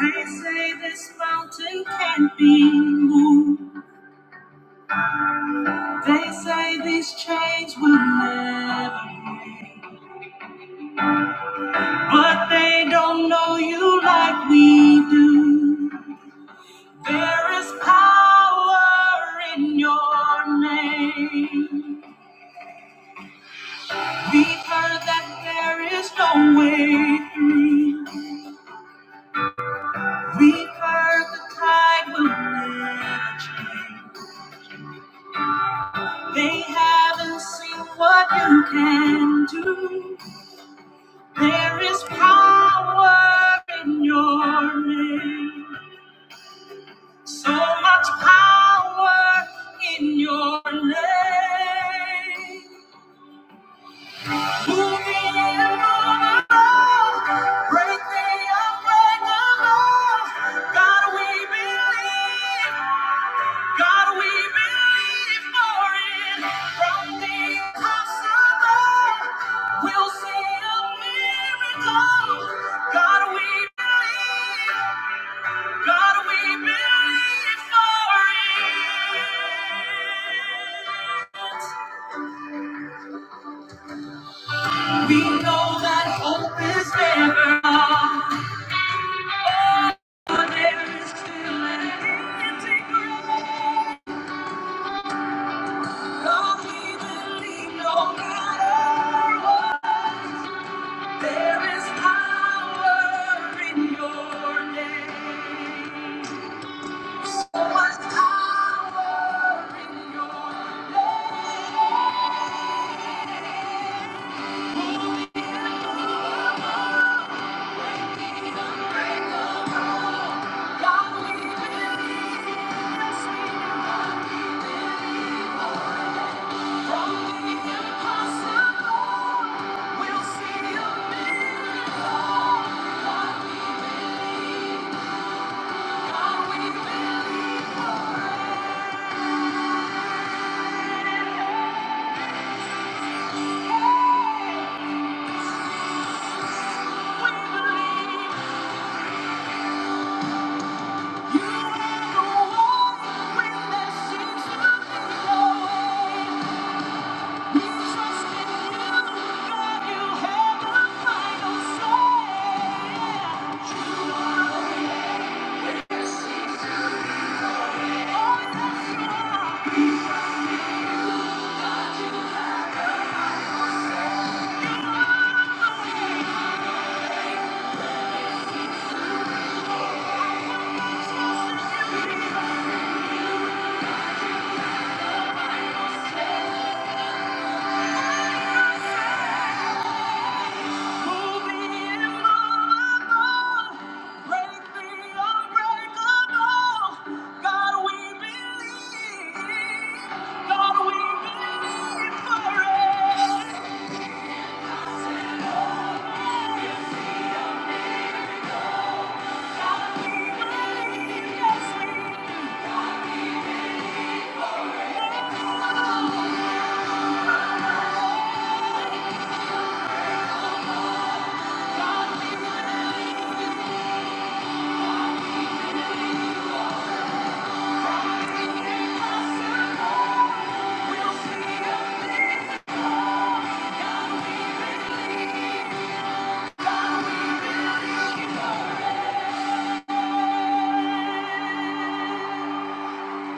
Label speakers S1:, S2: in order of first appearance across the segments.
S1: They say this mountain can't be moved. They say these chains will never break. But they don't know you like we do. There is power in your name. We've heard that there is no way through. We've heard the tide will never change. They haven't seen what you can do. There is power in your name. So much power in your name. God, we believe for it. We know that hope is never gone, but there is still an empty grave. God, we believe no matter what, there is power in your name. So much power in your name. Unbreakable. God, we believe, yes, we do. God, we believe. Yeah.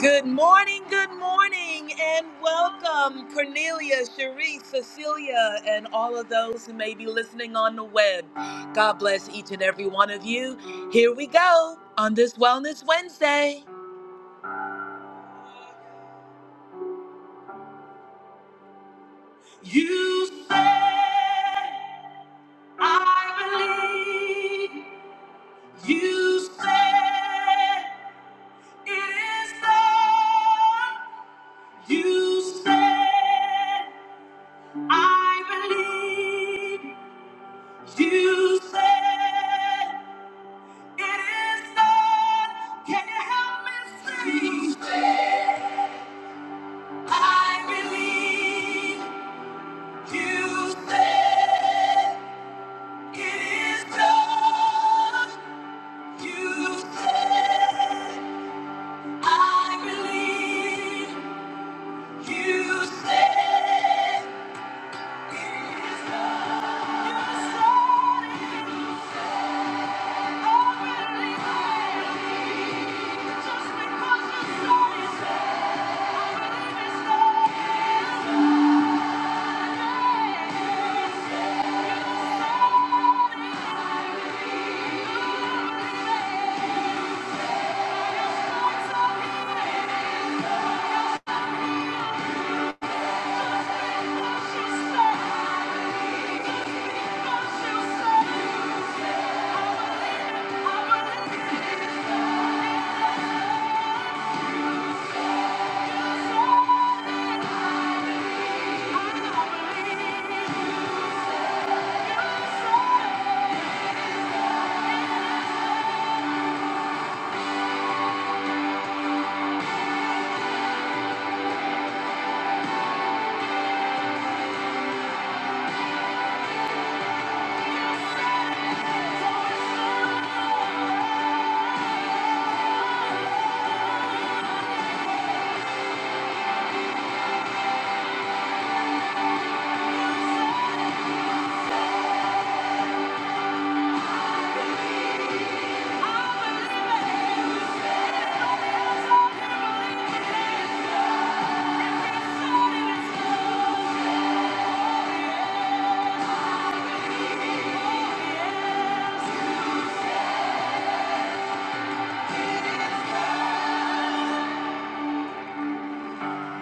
S1: Good morning, good morning, and welcome, Cornelia, Cherie, Cecilia, and all of those who may be listening on the web. God bless each and every one of you. Here we go on this Wellness Wednesday. You said, I believe. You said, it is done. You said, I believe. You said, it is done. Can you help me sing? You said, I believe. You said, it is done. You said, I believe. You said, it is done. You said it, I believe. Just because you said it, I believe it's done. She said, she said, I believe.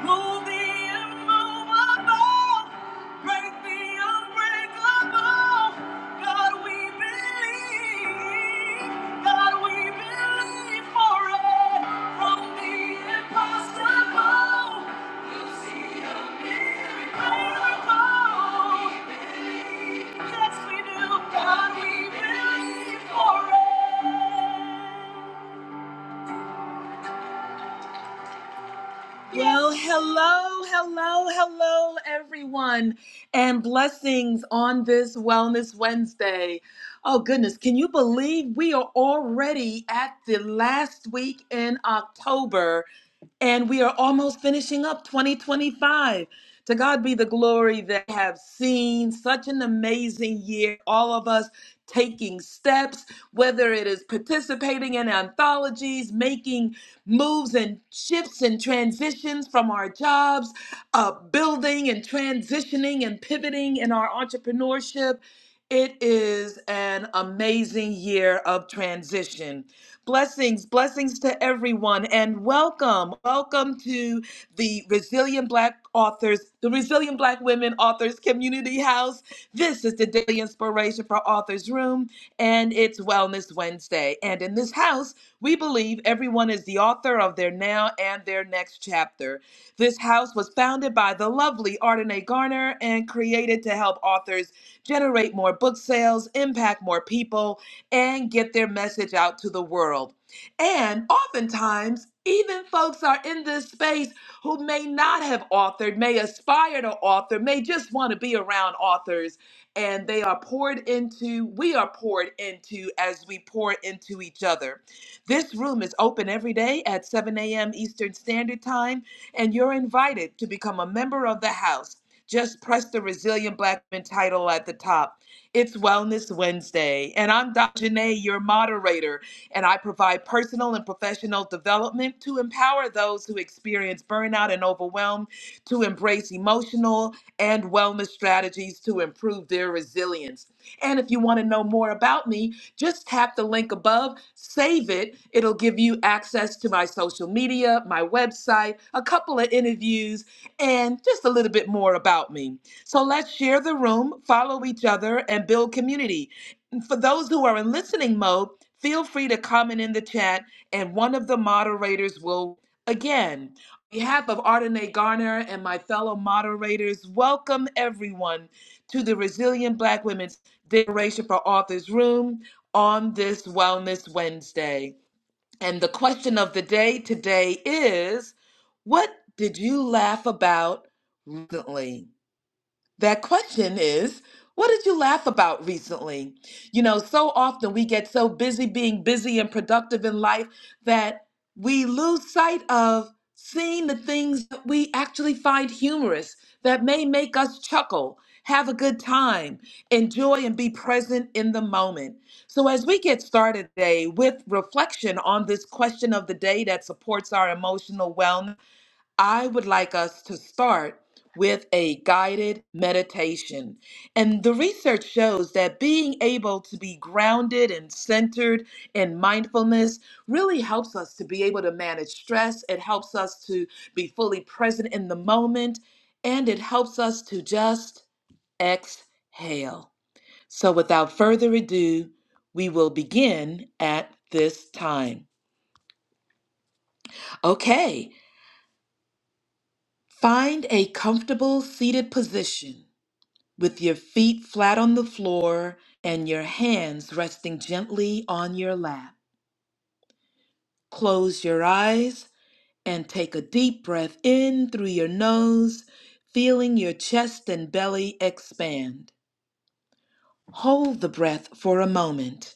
S1: Move the immovable. Break the unbreakable. God, we believe. God, we believe for it. From the impossible, you see a miracle. Yes, we do. God, we believe for it. Well, hello, hello, hello, everyone, and blessings on this Wellness Wednesday. Oh, goodness, can you believe we are already at the last week in October and we are almost finishing up 2025? To God be the glory that I have seen such an amazing year. All of us taking steps, whether it is participating in anthologies, making moves and shifts and transitions from our jobs, uh, building and transitioning and pivoting in our entrepreneurship. It is an amazing year of transition. Blessings, blessings to everyone, and welcome. Welcome to the Resilient Black Authors, the Resilient Black Women Authors Community House. This is the daily inspiration for Authors Room, and it's Wellness Wednesday. And in this house, we believe everyone is the author of their now and their next chapter. This house was founded by the lovely Ardenae Garner and created to help authors generate more book sales, impact more people, and get their message out to the world. And oftentimes, even folks are in this space who may not have authored, may aspire to author, may just want to be around authors, and they are poured into, we are poured into as we pour into each other. This room is open every day at 7 a.m. Eastern Standard Time, and you're invited to become a member of the house. Just press the Resilient Black Men title at the top. It's Wellness Wednesday, and I'm Dr. Janae, your moderator and I provide personal and professional development to empower those who experience burnout and overwhelm to embrace emotional and wellness strategies to improve their resilience. And if you want to know more about me, just tap the link above, save it. It'll give you access to my social media, my website, a couple of interviews, and just a little bit more about me. So let's share the room, follow each other, and build community. For those who are in listening mode, feel free to comment in the chat and one of the moderators will again on behalf of Ardenae Garner and my fellow moderators, welcome everyone to the Resilient Black Women's Declaration for Authors Room on this Wellness Wednesday. And the question of the day today is what did you laugh about recently? That question is, what did you laugh about recently? You know, so often we get so busy being busy and productive in life that we lose sight of seeing the things that we actually find humorous that may make us chuckle, have a good time, enjoy, and be present in the moment. So, as we get started today with reflection on this question of the day that supports our emotional wellness. I would like us to start with a guided meditation. And the research shows that being able to be grounded and centered in mindfulness really helps us to be able to manage stress. It helps us to be fully present in the moment, and it helps us to just exhale. So, without further ado, we will begin at this time. Okay, find a comfortable seated position with your feet flat on the floor and your hands resting gently on your lap. Close your eyes and take a deep breath in through your nose, feeling your chest and belly expand. Hold the breath for a moment.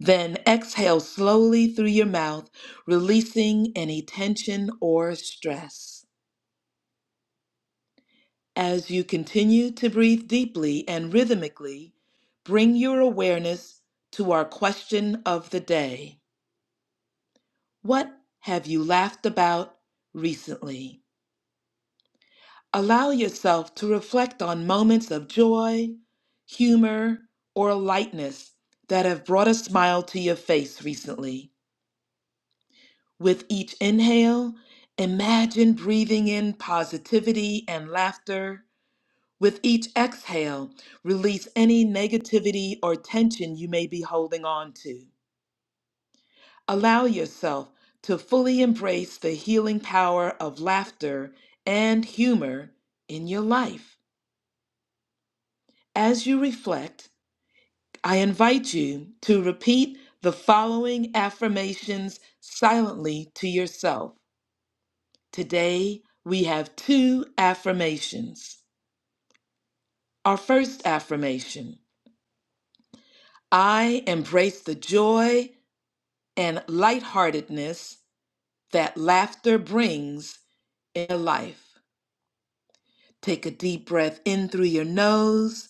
S1: Then exhale slowly through your mouth, releasing any tension or stress. As you continue to breathe deeply and rhythmically, bring your awareness to our question of the day. What have you laughed about recently? Allow yourself to reflect on moments of joy, humor, or lightness that have brought a smile to your face recently. With each inhale, imagine breathing in positivity and laughter With each exhale, release any negativity or tension you may be holding on to. Allow yourself to fully embrace the healing power of laughter and humor in your life. As you reflect, I invite you to repeat the following affirmations silently to yourself. Today, we have two affirmations. Our first affirmation I embrace the joy and lightheartedness that laughter brings in your life. Take a deep breath in through your nose,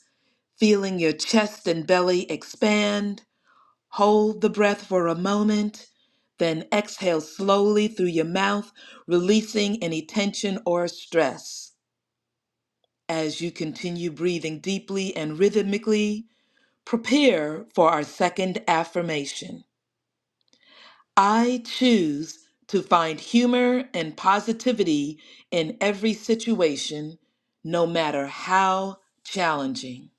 S1: feeling your chest and belly expand. Hold the breath for a moment, then exhale slowly through your mouth, releasing any tension or stress. As you continue breathing deeply and rhythmically, prepare for our second affirmation. I choose to find humor and positivity in every situation, no matter how challenging.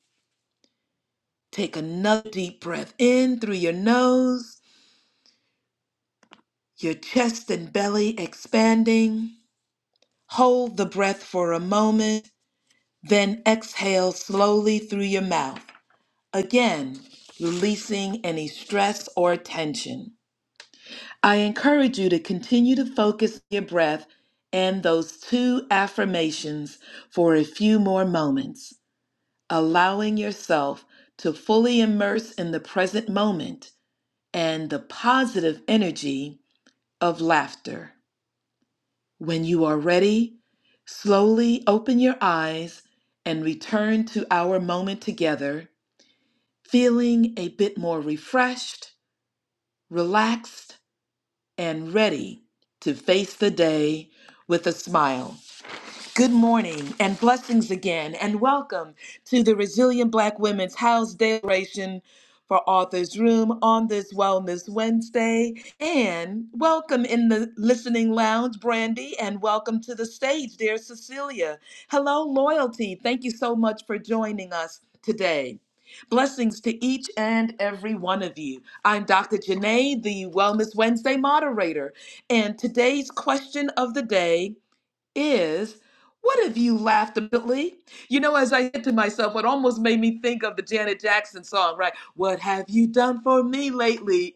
S1: Take another deep breath in through your nose, your chest and belly expanding. Hold the breath for a moment, then exhale slowly through your mouth. Again, releasing any stress or tension. I encourage you to continue to focus your breath and those two affirmations for a few more moments, allowing yourself to fully immerse in the present moment and the positive energy of laughter. When you are ready, slowly open your eyes and return to our moment together, feeling a bit more refreshed, relaxed, and ready to face the day with a smile. Good morning and blessings again, and welcome to the Resilient Black Women's House Declaration for Authors Room on this Wellness Wednesday. And welcome in the listening lounge, Brandy, and welcome to the stage, dear Cecilia. Hello, Loyalty. Thank you so much for joining us today. Blessings to each and every one of you. I'm Dr. Janae, the Wellness Wednesday moderator, and today's question of the day is what have you laughed ably? You know, as I said to myself, what almost made me think of the Janet Jackson song, right? What have you done for me lately?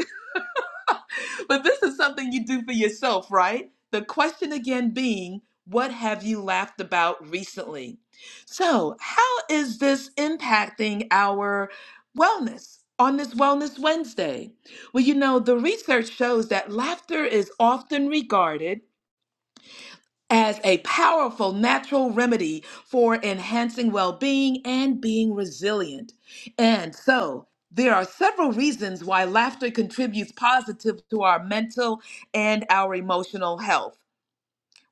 S1: but this is something you do for yourself, right? The question again being, what have you laughed about recently? So, how is this impacting our wellness on this Wellness Wednesday? Well, you know, the research shows that laughter is often regarded as a powerful natural remedy for enhancing well being and being resilient. And so, there are several reasons why laughter contributes positive to our mental and our emotional health.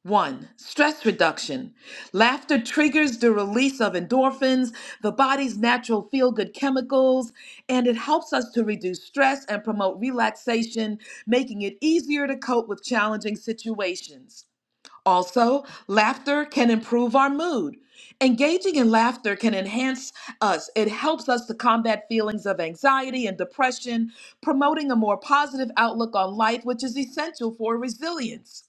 S1: One, stress reduction. Laughter triggers the release of endorphins, the body's natural feel good chemicals, and it helps us to reduce stress and promote relaxation, making it easier to cope with challenging situations. Also, laughter can improve our mood. Engaging in laughter can enhance us. It helps us to combat feelings of anxiety and depression, promoting a more positive outlook on life, which is essential for resilience.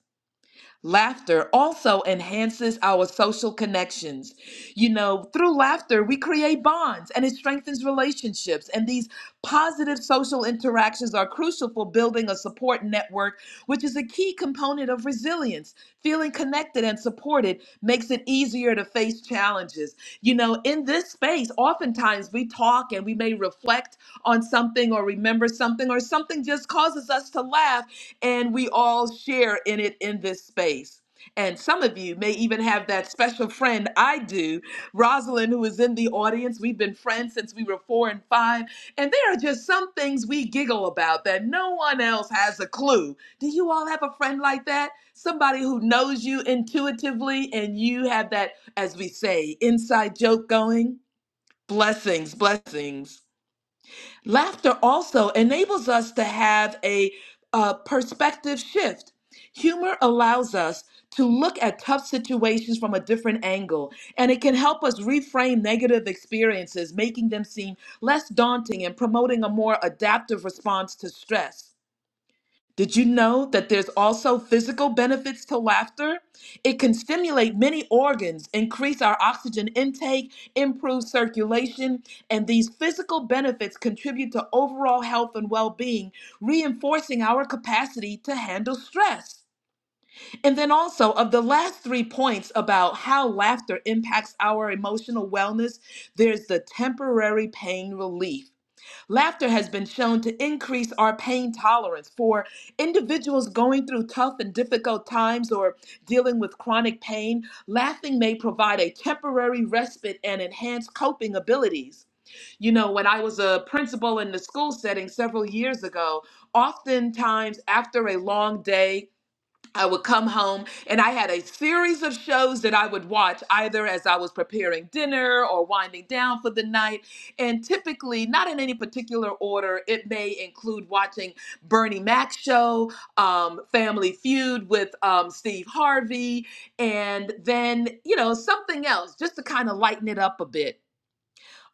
S1: Laughter also enhances our social connections. You know, through laughter, we create bonds and it strengthens relationships. And these positive social interactions are crucial for building a support network, which is a key component of resilience. Feeling connected and supported makes it easier to face challenges. You know, in this space, oftentimes we talk and we may reflect on something or remember something, or something just causes us to laugh and we all share in it in this space. And some of you may even have that special friend I do, Rosalind, who is in the audience. We've been friends since we were four and five. And there are just some things we giggle about that no one else has a clue. Do you all have a friend like that? Somebody who knows you intuitively and you have that, as we say, inside joke going? Blessings, blessings. Laughter also enables us to have a, uh perspective shift. Humor allows us to look at tough situations from a different angle, and it can help us reframe negative experiences, making them seem less daunting and promoting a more adaptive response to stress. Did you know that there's also physical benefits to laughter? It can stimulate many organs, increase our oxygen intake, improve circulation, and these physical benefits contribute to overall health and well being, reinforcing our capacity to handle stress. And then also, of the last three points about how laughter impacts our emotional wellness, there's the temporary pain relief. Laughter has been shown to increase our pain tolerance. For individuals going through tough and difficult times or dealing with chronic pain, laughing may provide a temporary respite and enhance coping abilities. You know, when I was a principal in the school setting several years ago, oftentimes after a long day, I would come home and I had a series of shows that I would watch either as I was preparing dinner or winding down for the night. And typically, not in any particular order, it may include watching Bernie Mac's show, um, Family Feud with um, Steve Harvey, and then, you know, something else just to kind of lighten it up a bit.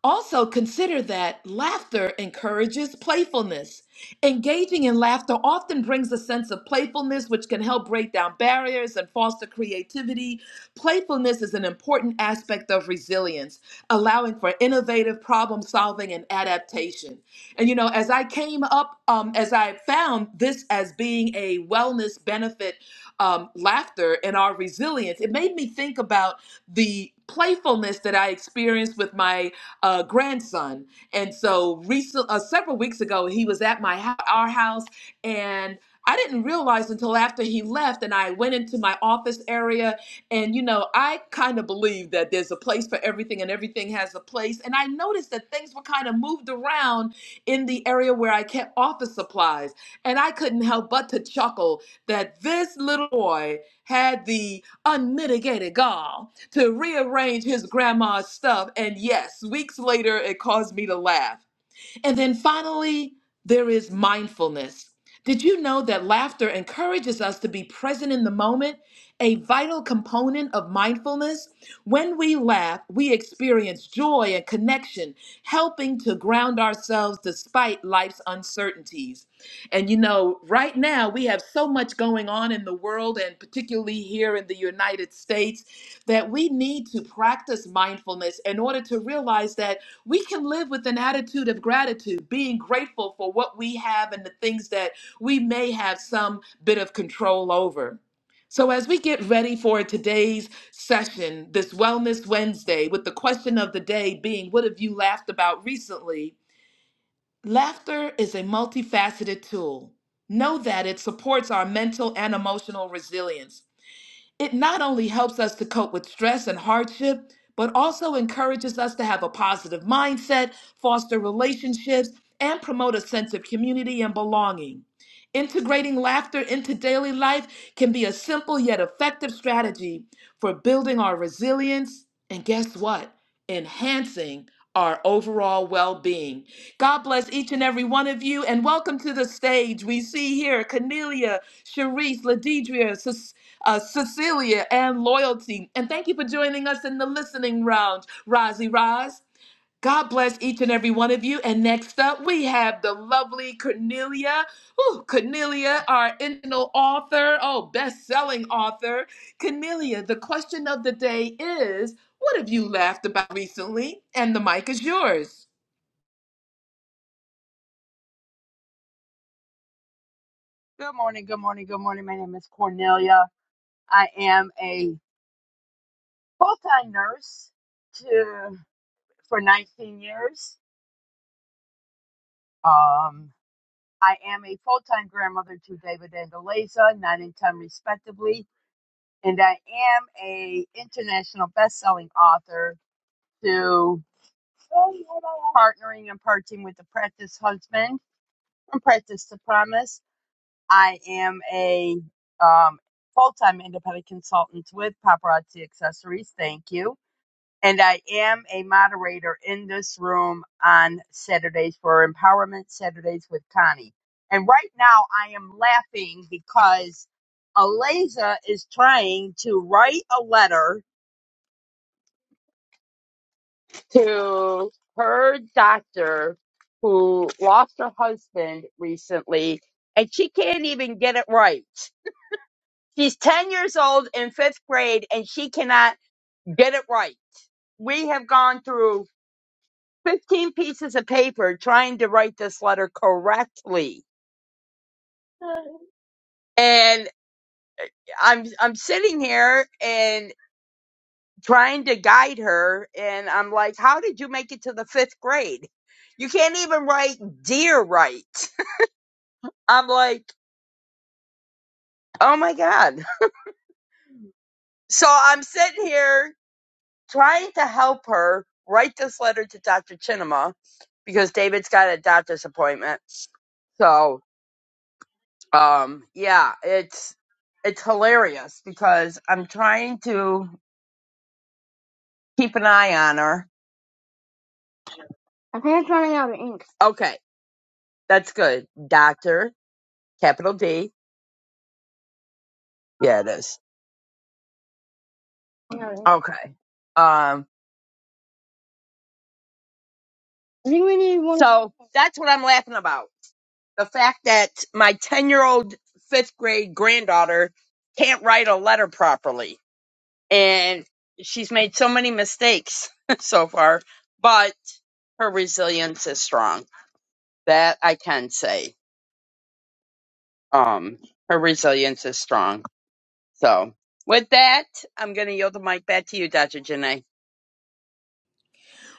S1: Also, consider that laughter encourages playfulness. Engaging in laughter often brings a sense of playfulness, which can help break down barriers and foster creativity. Playfulness is an important aspect of resilience, allowing for innovative problem solving and adaptation. And, you know, as I came up, um, as I found this as being a wellness benefit, um, laughter and our resilience, it made me think about the playfulness that I experienced with my uh, grandson. And so, recent, uh, several weeks ago, he was at my hou- our house, and I didn't realize until after he left, and I went into my office area, and you know, I kind of believe that there's a place for everything, and everything has a place. And I noticed that things were kind of moved around in the area where I kept office supplies, and I couldn't help but to chuckle that this little boy had the unmitigated gall to rearrange his grandma's stuff. And yes, weeks later, it caused me to laugh. And then finally, there is mindfulness. Did you know that laughter encourages us to be present in the moment? A vital component of mindfulness. When we laugh, we experience joy and connection, helping to ground ourselves despite life's uncertainties. And you know, right now we have so much going on in the world, and particularly here in the United States, that we need to practice mindfulness in order to realize that we can live with an attitude of gratitude, being grateful for what we have and the things that we may have some bit of control over. So, as we get ready for today's session, this Wellness Wednesday, with the question of the day being, What have you laughed about recently? Laughter is a multifaceted tool. Know that it supports our mental and emotional resilience. It not only helps us to cope with stress and hardship, but also encourages us to have a positive mindset, foster relationships, and promote a sense of community and belonging. Integrating laughter into daily life can be a simple yet effective strategy for building our resilience and guess what? Enhancing our overall well being. God bless each and every one of you and welcome to the stage. We see here Cornelia, Sharice, Ladidria, uh, Cecilia, and Loyalty. And thank you for joining us in the listening round, Rozzy Roz. God bless each and every one of you. And next up, we have the lovely Cornelia. Ooh, Cornelia, our internal author, oh, best-selling author. Cornelia, the question of the day is, what have you laughed about recently? And the mic is yours.
S2: Good morning, good morning, good morning. My name is Cornelia. I am a full-time nurse to for 19 years. Um, I am a full-time grandmother to David and Eliza, 9 and 10 respectively, and I am a international best-selling author to partnering and parting with the practice husband from practice to promise I am a um, full-time independent consultant with Paparazzi Accessories. Thank you. And I am a moderator in this room on Saturdays for Empowerment Saturdays with Connie. And right now I am laughing because Aliza is trying to write a letter to her doctor who lost her husband recently, and she can't even get it right She's 10 years old in fifth grade and she cannot get it right. We have gone through 15 pieces of paper trying to write this letter correctly. And I'm, I'm sitting here and trying to guide her. And I'm like, how did you make it to the fifth grade? You can't even write dear right. I'm like, oh my God. So I'm sitting here trying to help her write this letter to Dr. Chinema because David's got a doctor's appointment. So, um, yeah, it's it's hilarious because I'm trying to keep an eye on her. I think it's running out of ink. Okay, that's good. Doctor, capital D. Yeah, it is. Okay. Um, I think we need one. So that's what I'm laughing about. the fact that my 10 year old fifth grade granddaughter can't write a letter properly and she's made so many mistakes so far but her resilience is strong that i can say um her resilience is strong so with that i'm going to yield the mic back to you dr janae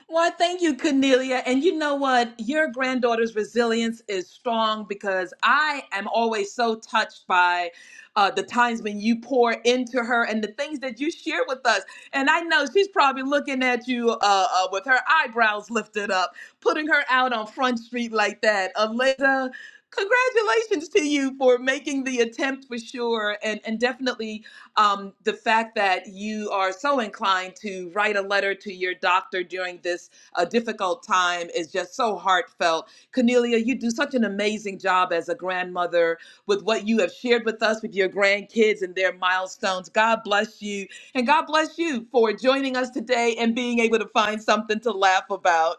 S1: Well, thank you, Cornelia. And you know what? Your granddaughter's resilience is strong because I am always so touched by uh, the times when you pour into her and the things that you share with us. And I know she's probably looking at you uh, uh, with her eyebrows lifted up, putting her out on Front Street like that. Alyssa, congratulations to you for making the attempt for sure and, and definitely um, the fact that you are so inclined to write a letter to your doctor during this uh, difficult time is just so heartfelt. Cornelia, you do such an amazing job as a grandmother with what you have shared with us with your grandkids and their milestones. God bless you. And God bless you for joining us today and being able to find something to laugh about.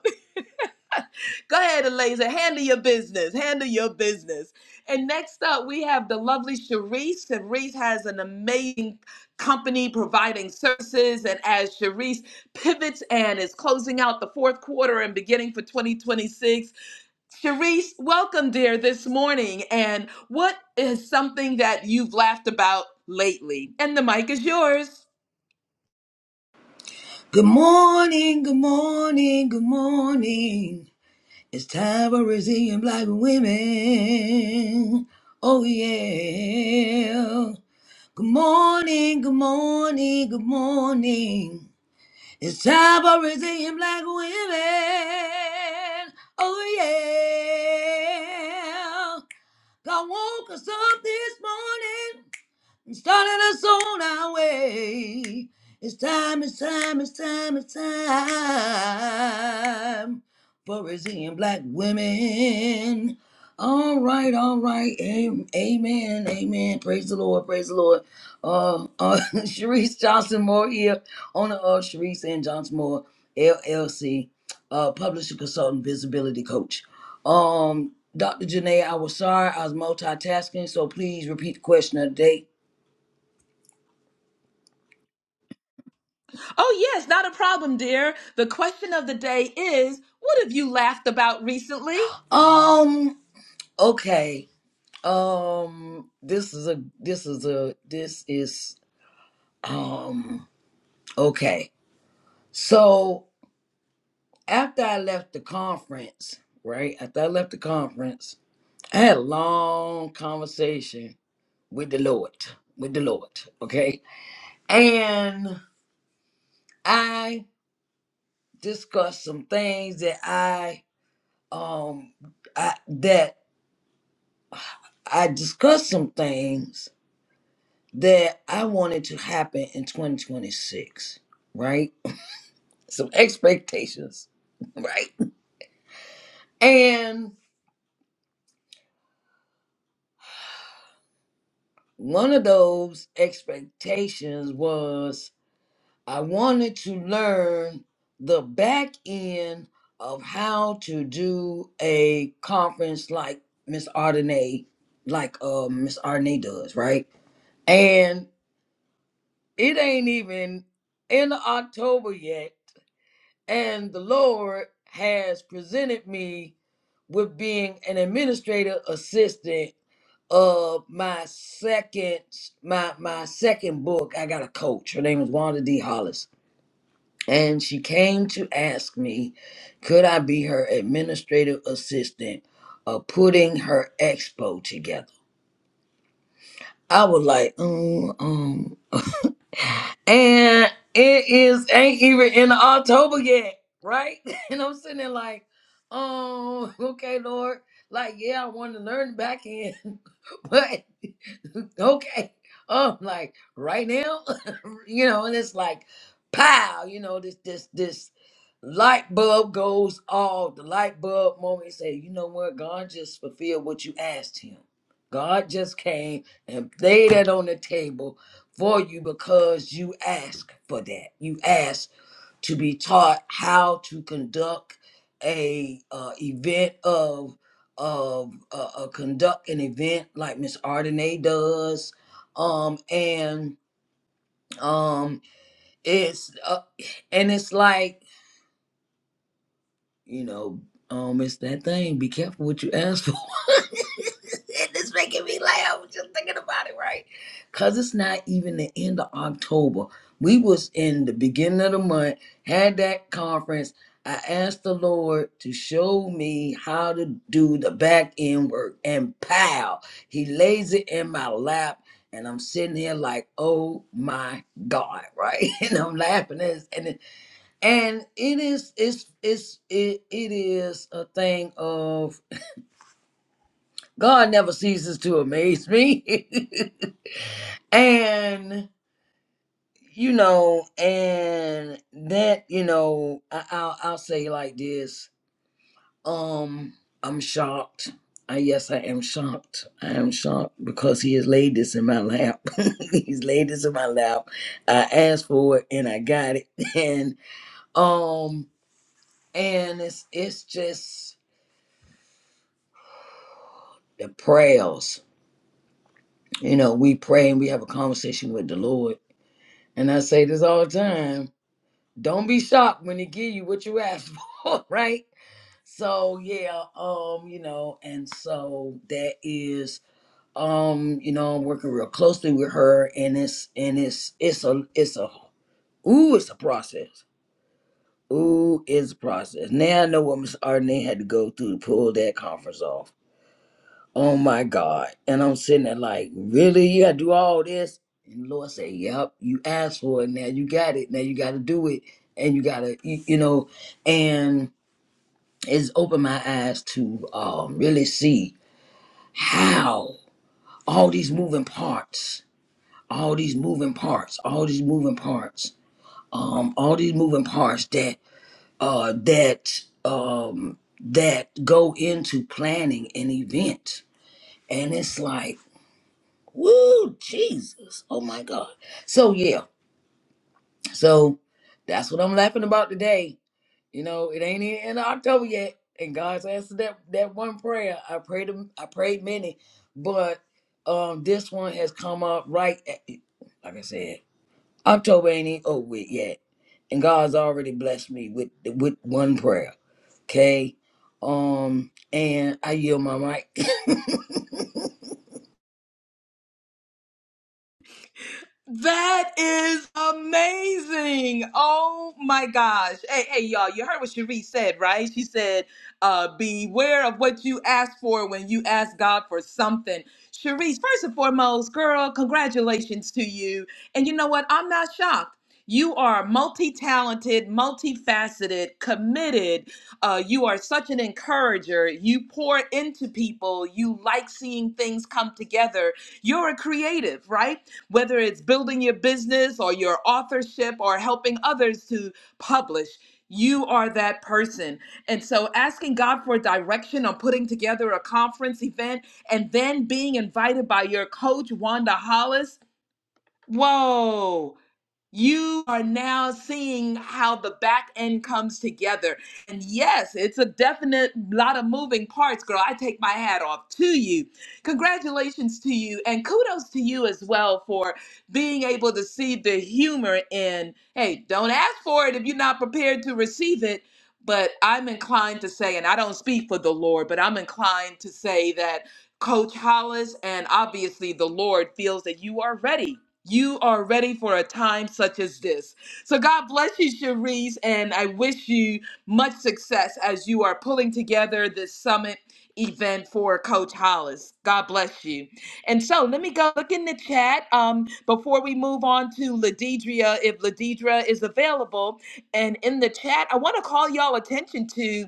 S1: Go ahead, Eliza. Handle your business. Handle your business. And next up, we have the lovely Sharice. Sharice has an amazing company providing services. And as Sharice pivots and is closing out the fourth quarter and beginning for 2026, Sharice, welcome, dear, this morning. And what is something that you've laughed about lately? And the mic is yours.
S3: Good morning, good morning, good morning. It's time for resilient black women. Oh yeah. Good morning, good morning, good morning. It's time for resilient black women. Oh yeah. God woke us up this morning and started us on our way. It's time, it's time, it's time, it's time for Brazilian black women. All right, all right. Am- Amen, amen. Praise the Lord, praise the Lord. Uh, uh, Sharice Johnson Moore here, owner of Sharice and Johnson Moore, LLC, uh, publisher, consultant, visibility coach. Um, Dr. Janae, I was sorry, I was multitasking, so please repeat the question of the day
S1: Oh, yes, not a problem, dear. The question of the day is what have you laughed about recently?
S3: Um. Okay. Um. This is a. This is a. This is. Um. Okay. So after I left the conference, right? After I left the conference, I had a long conversation with the Lord. With the Lord. Okay. And I discussed some things that I um I that I discussed some things that I wanted to happen in 2026, right? Some expectations, right? And one of those expectations was I wanted to learn the back end of how to do a conference like Miss Ardenay, like uh, Miss Ardenay does, right? And it ain't even in October yet and the Lord has presented me with being an administrative assistant of my second my my second book. I got a coach. Her name is Wanda D. Hollis. And she came to ask me, could I be her administrative assistant of putting her expo together? I was like, um, um, and it is ain't even in October yet, right? And I'm sitting there like, um, okay, Lord, like yeah, I want to learn back end, but okay. Oh, I'm like right now, you know, and it's like, pow, you know, this this this light bulb goes off. The light bulb moment You say, you know what? God just fulfilled what you asked Him. God just came and laid that on the table for you because you asked for that. You asked to be taught how to conduct a uh, event of of uh, uh, conduct an event like Miss Ardenay does, um, and um, it's uh, and it's like You know, um, it's that thing. Be careful what you ask for. and it's making me laugh just thinking about it, right? Cause it's not even the end of October. We was in the beginning of the month, had that conference. I asked the Lord to show me how to do the back end work, and pow, He lays it in my lap, and I'm sitting here like, oh my God, right? And I'm laughing, and, it's- and and it is it's it's it, it is a thing of god never ceases to amaze me and you know and that you know I, I'll, I'll say like this um i'm shocked I, yes i am shocked i am shocked because he has laid this in my lap he's laid this in my lap i asked for it and i got it and um and it's it's just the prayers. You know, we pray and we have a conversation with the Lord. And I say this all the time. Don't be shocked when he give you what you ask for, right? So yeah, um, you know, and so that is um, you know, I'm working real closely with her and it's and it's it's a it's a ooh, it's a process. Ooh, it's a process. Now I know what Miss Arnay had to go through to pull that conference off Oh my God. And I'm sitting there like, really? You gotta do all this? And the Lord said, Yep, you asked for it. Now you got it. Now you gotta do it. And you gotta you, you know, and it's opened my eyes to um really see how all these moving parts, all these moving parts, all these moving parts, um, all these moving parts that uh that um that go into planning an event. And it's like Woo, Jesus. Oh my God. So yeah. So that's what I'm laughing about today. You know, it ain't even in October yet. And God's answered that that one prayer. I prayed them I prayed many, but um this one has come up right at, like I said, October ain't even over with yet. And God's already blessed me with with one prayer. Okay. Um and I yield my mic.
S1: That is amazing. Oh my gosh. Hey, hey, y'all, you heard what Cherie said, right? She said, uh, beware of what you ask for when you ask God for something. Cherise, first and foremost, girl, congratulations to you. And you know what? I'm not shocked. You are multi talented, multifaceted, committed. Uh, you are such an encourager. You pour into people. You like seeing things come together. You're a creative, right? whether it's building your business or your authorship or helping others to publish. You are that person. And so asking God for direction on putting together a conference event and then being invited by your coach, Wanda Hollis. Whoa you are now seeing how the back end comes together. And yes, it's a definite lot of moving parts, girl. I take my hat off to you. Congratulations to you. And kudos to you as well for being able to see the humor in, hey, don't ask for it if you're not prepared to receive it. But I'm inclined to say, and I don't speak for the Lord, but I'm inclined to say that Coach Hollis and obviously the Lord feels that you are ready you are ready for a time such as this. So, God bless you, Cherise, and I wish you much success as you are pulling together this summit event for Coach Hollis. God bless you. And so, let me go look in the chat um, before we move on to Ladidria, if Ladidra is available. And in the chat, I want to call y'all attention to.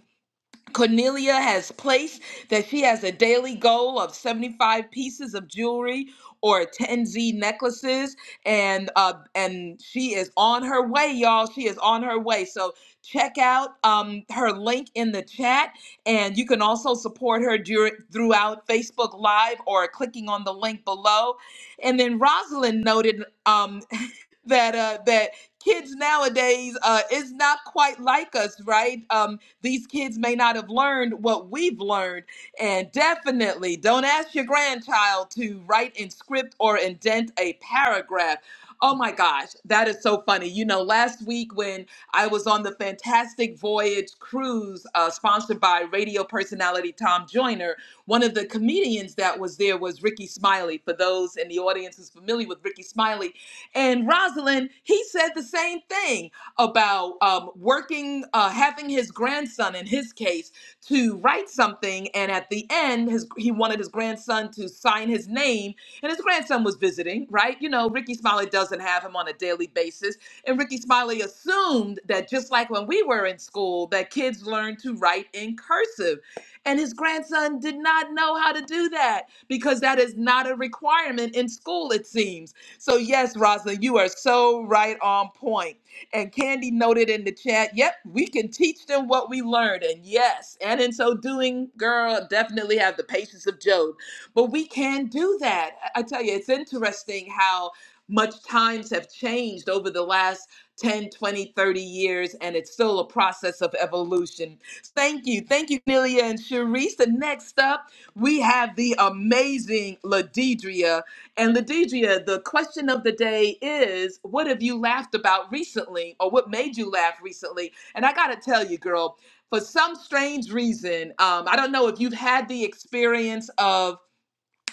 S1: Cornelia has placed that she has a daily goal of 75 pieces of jewelry or 10 Z necklaces and uh and she is on her way y'all she is on her way so check out um her link in the chat and you can also support her during throughout Facebook live or clicking on the link below and then Rosalind noted um that uh that kids nowadays uh is not quite like us right um. These kids may not have learned what we've learned. And definitely don't ask your grandchild to write in script or indent a paragraph. Oh my gosh, that is so funny. You know, last week when I was on the Fantastic Voyage cruise uh, sponsored by radio personality Tom Joyner, one of the comedians that was there was Ricky Smiley. For those in the audience who's familiar with Ricky Smiley, and Rosalind, he said the same thing about um, working, uh, having his grandson, in his case, to write something. And at the end, his, he wanted his grandson to sign his name. And his grandson was visiting, right? You know, Ricky Smiley doesn't have him on a daily basis. And Ricky Smiley assumed that just like when we were in school, that kids learn to write in cursive. And his grandson did not know how to do that because that is not a requirement in school, it seems. So, yes, Rosalind, you are so right on point. And Candy noted in the chat, yep, we can teach them what we learned. And yes, and in so doing, girl, definitely have the patience of Job. But we can do that. I I tell you, it's interesting how much times have changed over the last 10, 20, thirty years, and it's still a process of evolution. Thank you. Thank you, Nelia and Sharice. And next up, we have the amazing LaDidria and Ladidria, the question of the day is what have you laughed about recently or what made you laugh recently? And I got to tell you, girl, for some strange reason, um, I don't know if you've had the experience of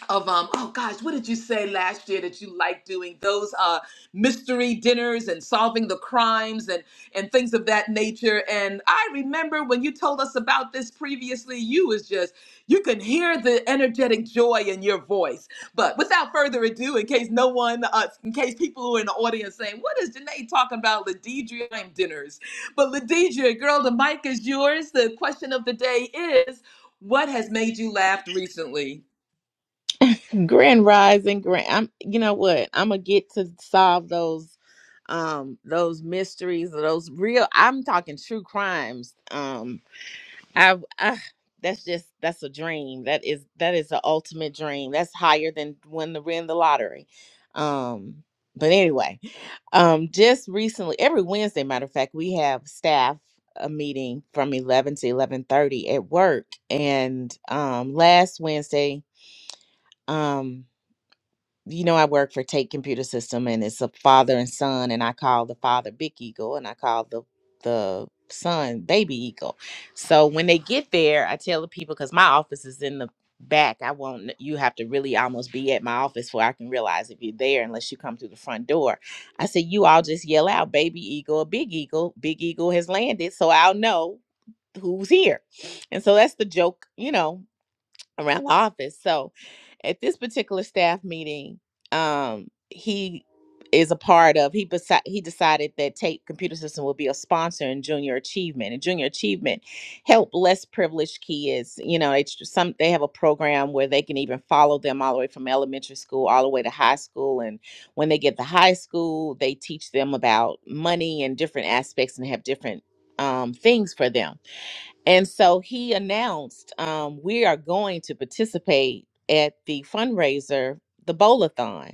S1: of um oh gosh what did you say last year that you liked doing those uh mystery dinners and solving the crimes and and things of that nature and i remember when you told us about this previously you was just you can hear the energetic joy in your voice but without further ado in case no one uh, in case people who are in the audience saying what is Janae talking about ladidria dinners but ladidria girl the mic is yours the question of the day is what has made you laugh recently
S4: Grand Rising, Grand. I'm, you know what? I'm gonna get to solve those um those mysteries or those real. I'm talking true crimes. Um, I uh, that's just that's a dream. That is that is the ultimate dream. That's higher than when the win the lottery. Um, but anyway, um, just recently, every Wednesday, matter of fact, we have staff a meeting from 11 to 11:30 at work, and um, last Wednesday, um you know, I work for Take Computer System, and it's a father and son, and I call the father Big Eagle, and I call the the son Baby Eagle. So when they get there, I tell the people because my office is in the back. I won't. You have to really almost be at my office for I can realize if you're there, unless you come through the front door. I said, you all just yell out, Baby Eagle, or Big Eagle. Big Eagle has landed, so I'll know who's here. And so that's the joke, you know, around the office. So at this particular staff meeting, um, he is a part of he besi- he decided that Tate Computer System will be a sponsor in junior achievement. And junior achievement help less privileged kids. You know, it's some they have a program where they can even follow them all the way from elementary school all the way to high school. And when they get to high school, they teach them about money and different aspects and have different um, things for them and so he announced, um, we are going to participate at the fundraiser, the Bowl-a-thon.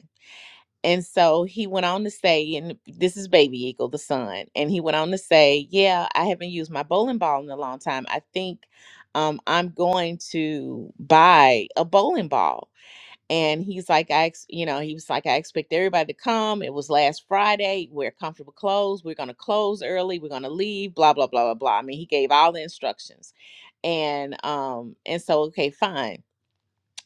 S4: And so he went on to say, and this is Baby Eagle, the son, and he went on to say, Yeah, I haven't used my bowling ball in a long time. I think um, I'm going to buy a bowling ball and he's like i ex- you know he was like i expect everybody to come it was last friday wear comfortable clothes we're going to close early we're going to leave blah blah blah blah blah i mean he gave all the instructions and um and so okay fine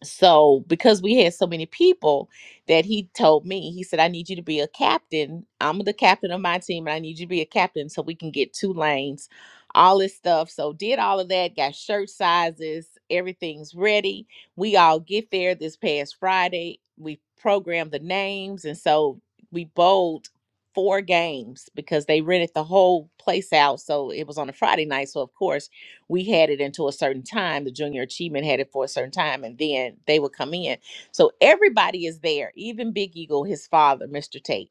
S4: so because we had so many people that he told me he said i need you to be a captain i'm the captain of my team and i need you to be a captain so we can get two lanes all this stuff so did all of that got shirt sizes everything's ready we all get there this past friday we programmed the names and so we bowled four games because they rented the whole place out so it was on a friday night so of course we had it until a certain time. The junior achievement had it for a certain time, and then they would come in. So everybody is there, even Big Eagle, his father, Mr. Tate.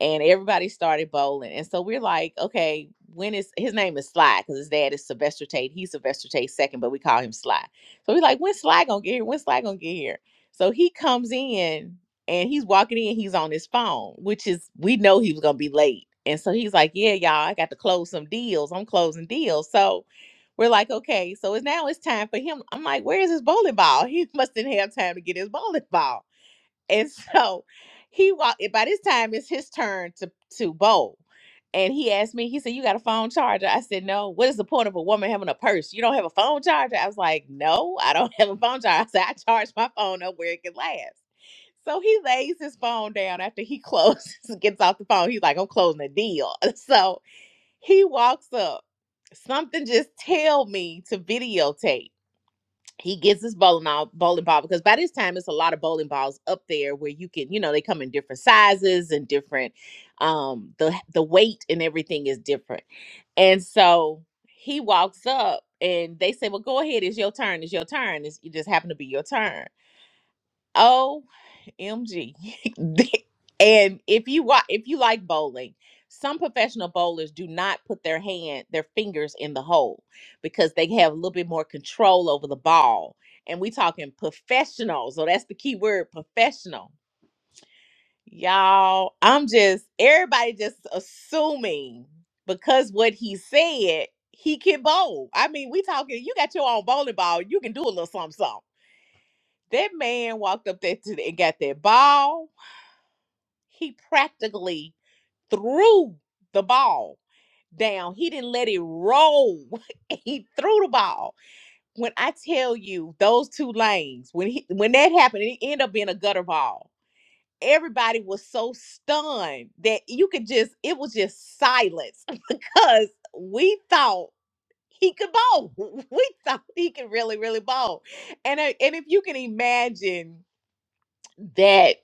S4: And everybody started bowling. And so we're like, okay, when is his name is Sly, because his dad is Sylvester Tate. He's Sylvester Tate's second, but we call him Sly. So we're like, when Sly gonna get here? When Sly gonna get here? So he comes in and he's walking in, he's on his phone, which is we know he was gonna be late. And so he's like, Yeah, y'all, I got to close some deals. I'm closing deals. So we're like, okay, so it's now it's time for him. I'm like, where is his bowling ball? He must didn't have time to get his bowling ball. And so he walked by this time it's his turn to to bowl. And he asked me, he said, You got a phone charger? I said, No. What is the point of a woman having a purse? You don't have a phone charger? I was like, No, I don't have a phone charger. I said, I charge my phone up where it can last. So he lays his phone down after he closes, gets off the phone. He's like, I'm closing the deal. So he walks up. Something just tell me to videotape. He gets his bowling all, bowling ball because by this time it's a lot of bowling balls up there where you can, you know, they come in different sizes and different um the the weight and everything is different. And so he walks up and they say, Well, go ahead, it's your turn, it's your turn. It's, it just happened to be your turn. OMG. and if you wa- if you like bowling, some professional bowlers do not put their hand, their fingers in the hole because they have a little bit more control over the ball. And we talking professional. So that's the key word, professional. Y'all, I'm just everybody just assuming because what he said, he can bowl. I mean, we talking, you got your own bowling ball, you can do a little something something. That man walked up there to the, and got that ball. He practically threw the ball down. He didn't let it roll. he threw the ball. When I tell you those two lanes, when he when that happened, it ended up being a gutter ball. Everybody was so stunned that you could just it was just silence because we thought he could bowl. We thought he could really, really bowl. And I- and if you can imagine that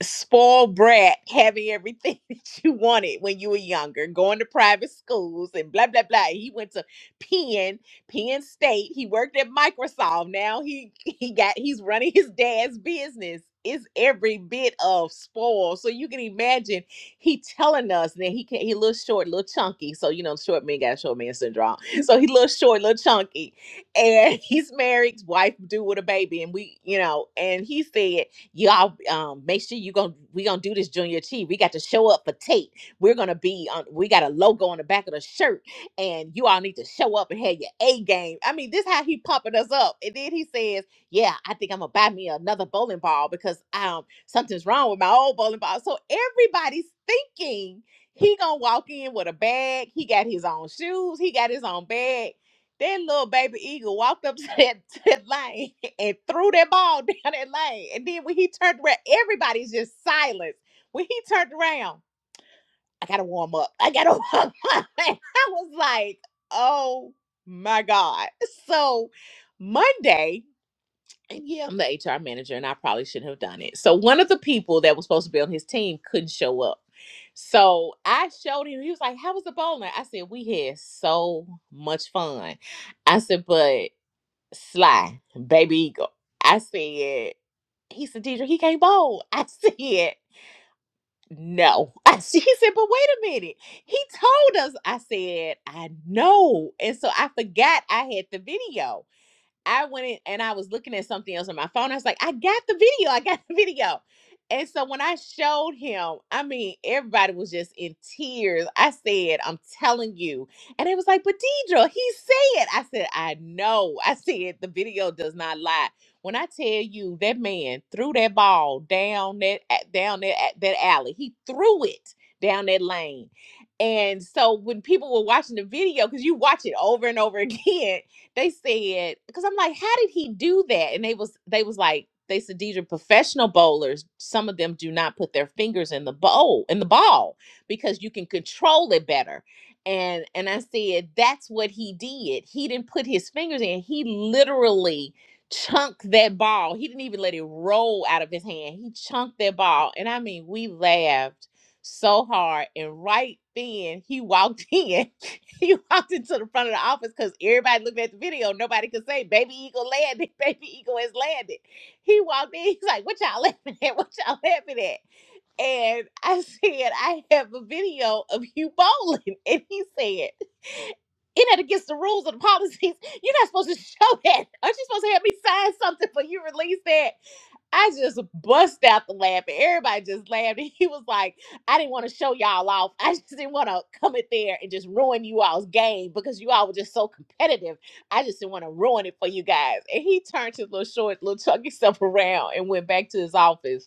S4: spoiled brat having everything that you wanted when you were younger, going to private schools and blah blah blah. He went to Penn, Penn State. He worked at Microsoft. Now he he got he's running his dad's business. It's every bit of spoil. So you can imagine he telling us that he can he little short, little chunky. So you know short men got short man syndrome. So he little short, little chunky. And he's married, wife do with a baby, and we, you know, and he said y'all um make sure you gonna we gonna do this junior t we got to show up for tate we're gonna be on we got a logo on the back of the shirt and you all need to show up and have your a game i mean this how he pumping us up and then he says yeah i think i'm gonna buy me another bowling ball because um something's wrong with my old bowling ball so everybody's thinking he gonna walk in with a bag he got his own shoes he got his own bag that little baby eagle walked up to that, to that lane and threw that ball down that lane. And then when he turned around, everybody's just silent. When he turned around, I gotta warm up. I gotta warm up. And I was like, oh my God. So Monday, and yeah, I'm the HR manager, and I probably shouldn't have done it. So one of the people that was supposed to be on his team couldn't show up. So I showed him. He was like, "How was the bowling?" I said, "We had so much fun." I said, "But." Sly, baby eagle. I said, he said, Deidre, he can't bowl. I said, no. I said, he said, but wait a minute. He told us. I said, I know. And so I forgot I had the video. I went in and I was looking at something else on my phone. I was like, I got the video. I got the video. And so when I showed him, I mean, everybody was just in tears. I said, I'm telling you. And it was like, but Deidre, he said, I said, I know. I said, the video does not lie. When I tell you that man threw that ball down that down that that alley, he threw it down that lane. And so when people were watching the video, because you watch it over and over again, they said because i'm like how did he do that and they was they was like they said these are professional bowlers some of them do not put their fingers in the bowl in the ball because you can control it better and and i said that's what he did he didn't put his fingers in he literally chunked that ball he didn't even let it roll out of his hand he chunked that ball and i mean we laughed so hard and right then he walked in he walked into the front of the office because everybody looked at the video. Nobody could say baby eagle landed, baby eagle has landed. He walked in, he's like, What y'all laughing at? What y'all laughing at? And I said, I have a video of you bowling. And he said, It that against the rules or the policies. You're not supposed to show that. Aren't you supposed to have me sign something for you release that? I just bust out the laughing. Everybody just laughed. And he was like, I didn't want to show y'all off. I just didn't want to come in there and just ruin you all's game because you all were just so competitive. I just didn't want to ruin it for you guys. And he turned his little short, little chunky self around and went back to his office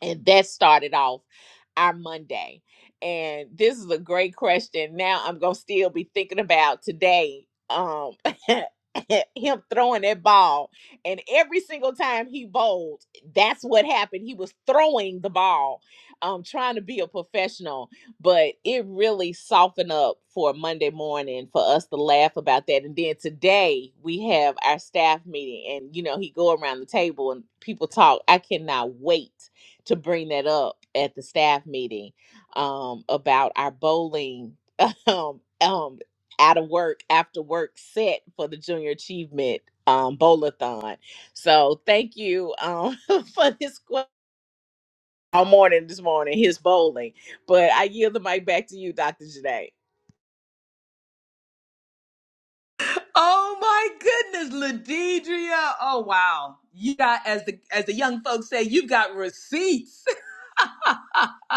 S4: and that started off our Monday. And this is a great question. Now I'm gonna still be thinking about today. Um, him throwing that ball, and every single time he bowled, that's what happened. He was throwing the ball, um, trying to be a professional, but it really softened up for Monday morning for us to laugh about that. And then today we have our staff meeting, and you know he go around the table and people talk. I cannot wait to bring that up at the staff meeting um, about our bowling um, um, out of work after work set for the junior achievement um, bowlathon. So thank you um, for this que- all morning this morning his bowling. But I yield the mic back to you, Dr. Janae.
S1: Oh my goodness, Ladidria. Oh wow. You got as the as the young folks say, you've got receipts.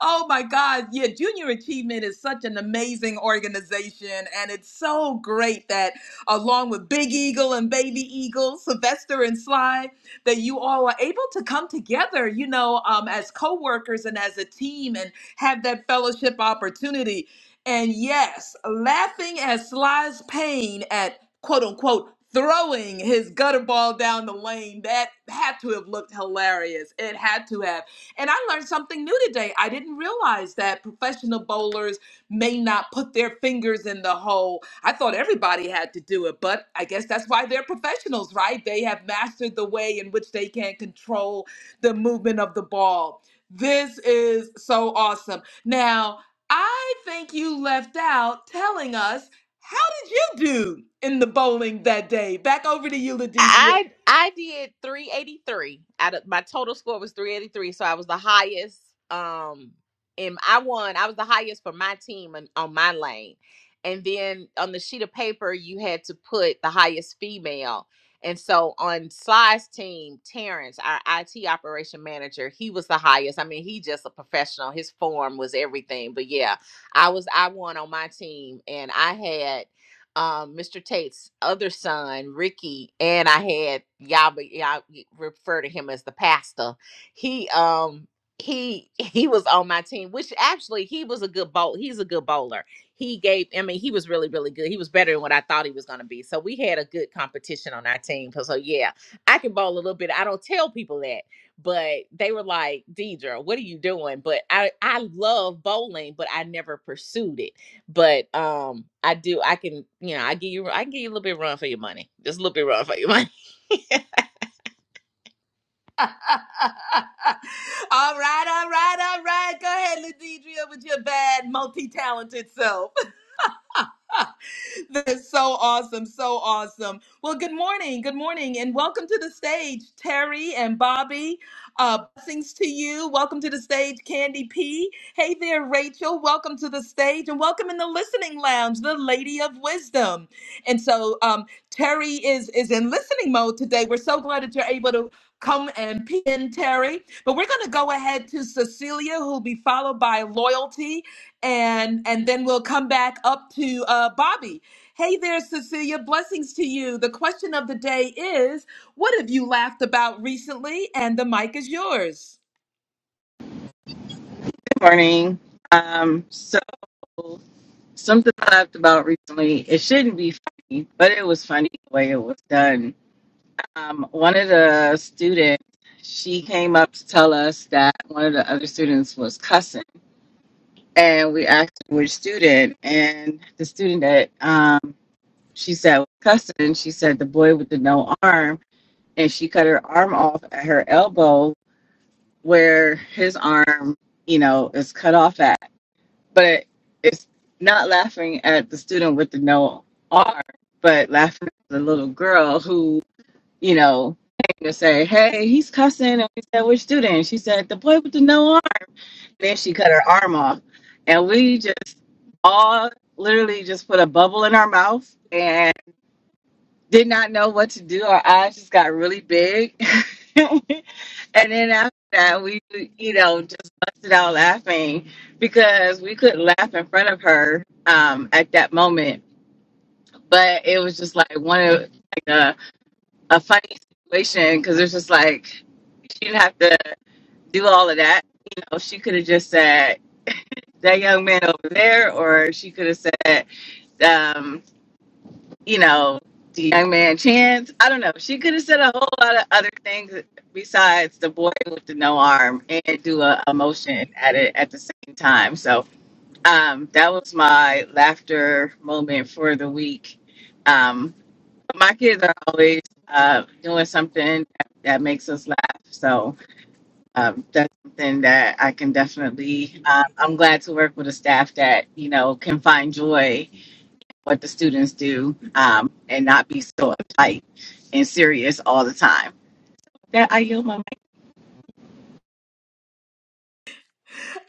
S1: oh my God. Yeah, Junior Achievement is such an amazing organization. And it's so great that, along with Big Eagle and Baby Eagle, Sylvester and Sly, that you all are able to come together, you know, um, as co workers and as a team and have that fellowship opportunity. And yes, laughing at Sly's pain at quote unquote throwing his gutter ball down the lane, that had to have looked hilarious. It had to have. And I learned something new today. I didn't realize that professional bowlers may not put their fingers in the hole. I thought everybody had to do it, but I guess that's why they're professionals, right? They have mastered the way in which they can control the movement of the ball. This is so awesome. Now, I think you left out telling us how did you do in the bowling that day? Back over to you, Ladidra.
S4: I I did 383 out of my total score was 383, so I was the highest. Um, and I won. I was the highest for my team on, on my lane. And then on the sheet of paper, you had to put the highest female. And so on Sly's team, Terrence, our IT operation manager, he was the highest. I mean, he just a professional. His form was everything. But yeah, I was I won on my team, and I had um, Mr. Tate's other son, Ricky, and I had y'all, but y'all refer to him as the pastor. He um he he was on my team, which actually he was a good bowl. He's a good bowler. He gave, I mean, he was really really good. He was better than what I thought he was going to be. So we had a good competition on our team. 'Cause, So yeah, I can bowl a little bit. I don't tell people that, but they were like, Deidre, what are you doing? But I I love bowling, but I never pursued it but um i do i can you know i give you i can give you a little bit of run for your money just a little bit of run for your money
S1: all right, all right, all right. Go ahead, Ladidria, with your bad, multi talented self. That is so awesome. So awesome. Well, good morning. Good morning. And welcome to the stage, Terry and Bobby. Uh, blessings to you. Welcome to the stage, Candy P. Hey there, Rachel. Welcome to the stage. And welcome in the listening lounge, the Lady of Wisdom. And so um, Terry is, is in listening mode today. We're so glad that you're able to come and pin Terry. But we're going to go ahead to Cecilia, who'll be followed by Loyalty, and and then we'll come back up to uh, Bobby. Hey there, Cecilia. Blessings to you. The question of the day is What have you laughed about recently? And the mic is yours.
S5: morning. Um, so something I laughed about recently. It shouldn't be funny, but it was funny the way it was done. Um, one of the students, she came up to tell us that one of the other students was cussing, and we asked her which student, and the student that um she said was cussing, she said the boy with the no arm, and she cut her arm off at her elbow where his arm, you know, is cut off at. but it's not laughing at the student with the no R, but laughing at the little girl who, you know, came to say, Hey, he's cussing. And we said, Which student? She said, The boy with the no R. And then she cut her arm off. And we just all literally just put a bubble in our mouth and did not know what to do. Our eyes just got really big. And then after that, we, you know, just busted out laughing because we couldn't laugh in front of her um, at that moment. But it was just like one of like a, a funny situation because it's just like she didn't have to do all of that. You know, she could have just said that young man over there, or she could have said, um, you know, the young man chance. I don't know. She could have said a whole lot of other things besides the boy with the no arm and do a, a motion at it at the same time. So um, that was my laughter moment for the week. Um, my kids are always uh, doing something that, that makes us laugh. So um, that's something that I can definitely. Um, I'm glad to work with a staff that you know can find joy what the students do um, and not be so uptight and serious all the time. That I yield my mic.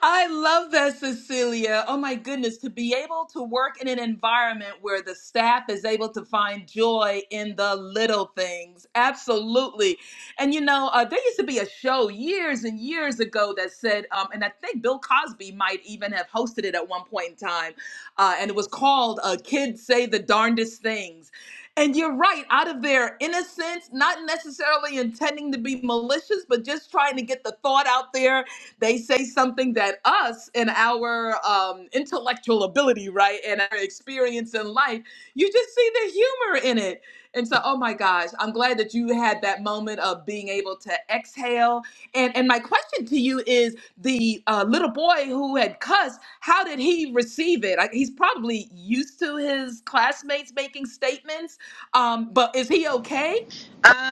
S1: I love that, Cecilia. Oh my goodness, to be able to work in an environment where the staff is able to find joy in the little things. Absolutely. And you know, uh, there used to be a show years and years ago that said, um, and I think Bill Cosby might even have hosted it at one point in time, uh, and it was called uh, Kids Say the Darndest Things. And you're right, out of their innocence, not necessarily intending to be malicious, but just trying to get the thought out there they say something that us and our um, intellectual ability, right, and our experience in life, you just see the humor in it. And so, oh my gosh, I'm glad that you had that moment of being able to exhale. And and my question to you is, the uh, little boy who had cussed, how did he receive it? Like, he's probably used to his classmates making statements, um, but is he okay?
S5: Uh,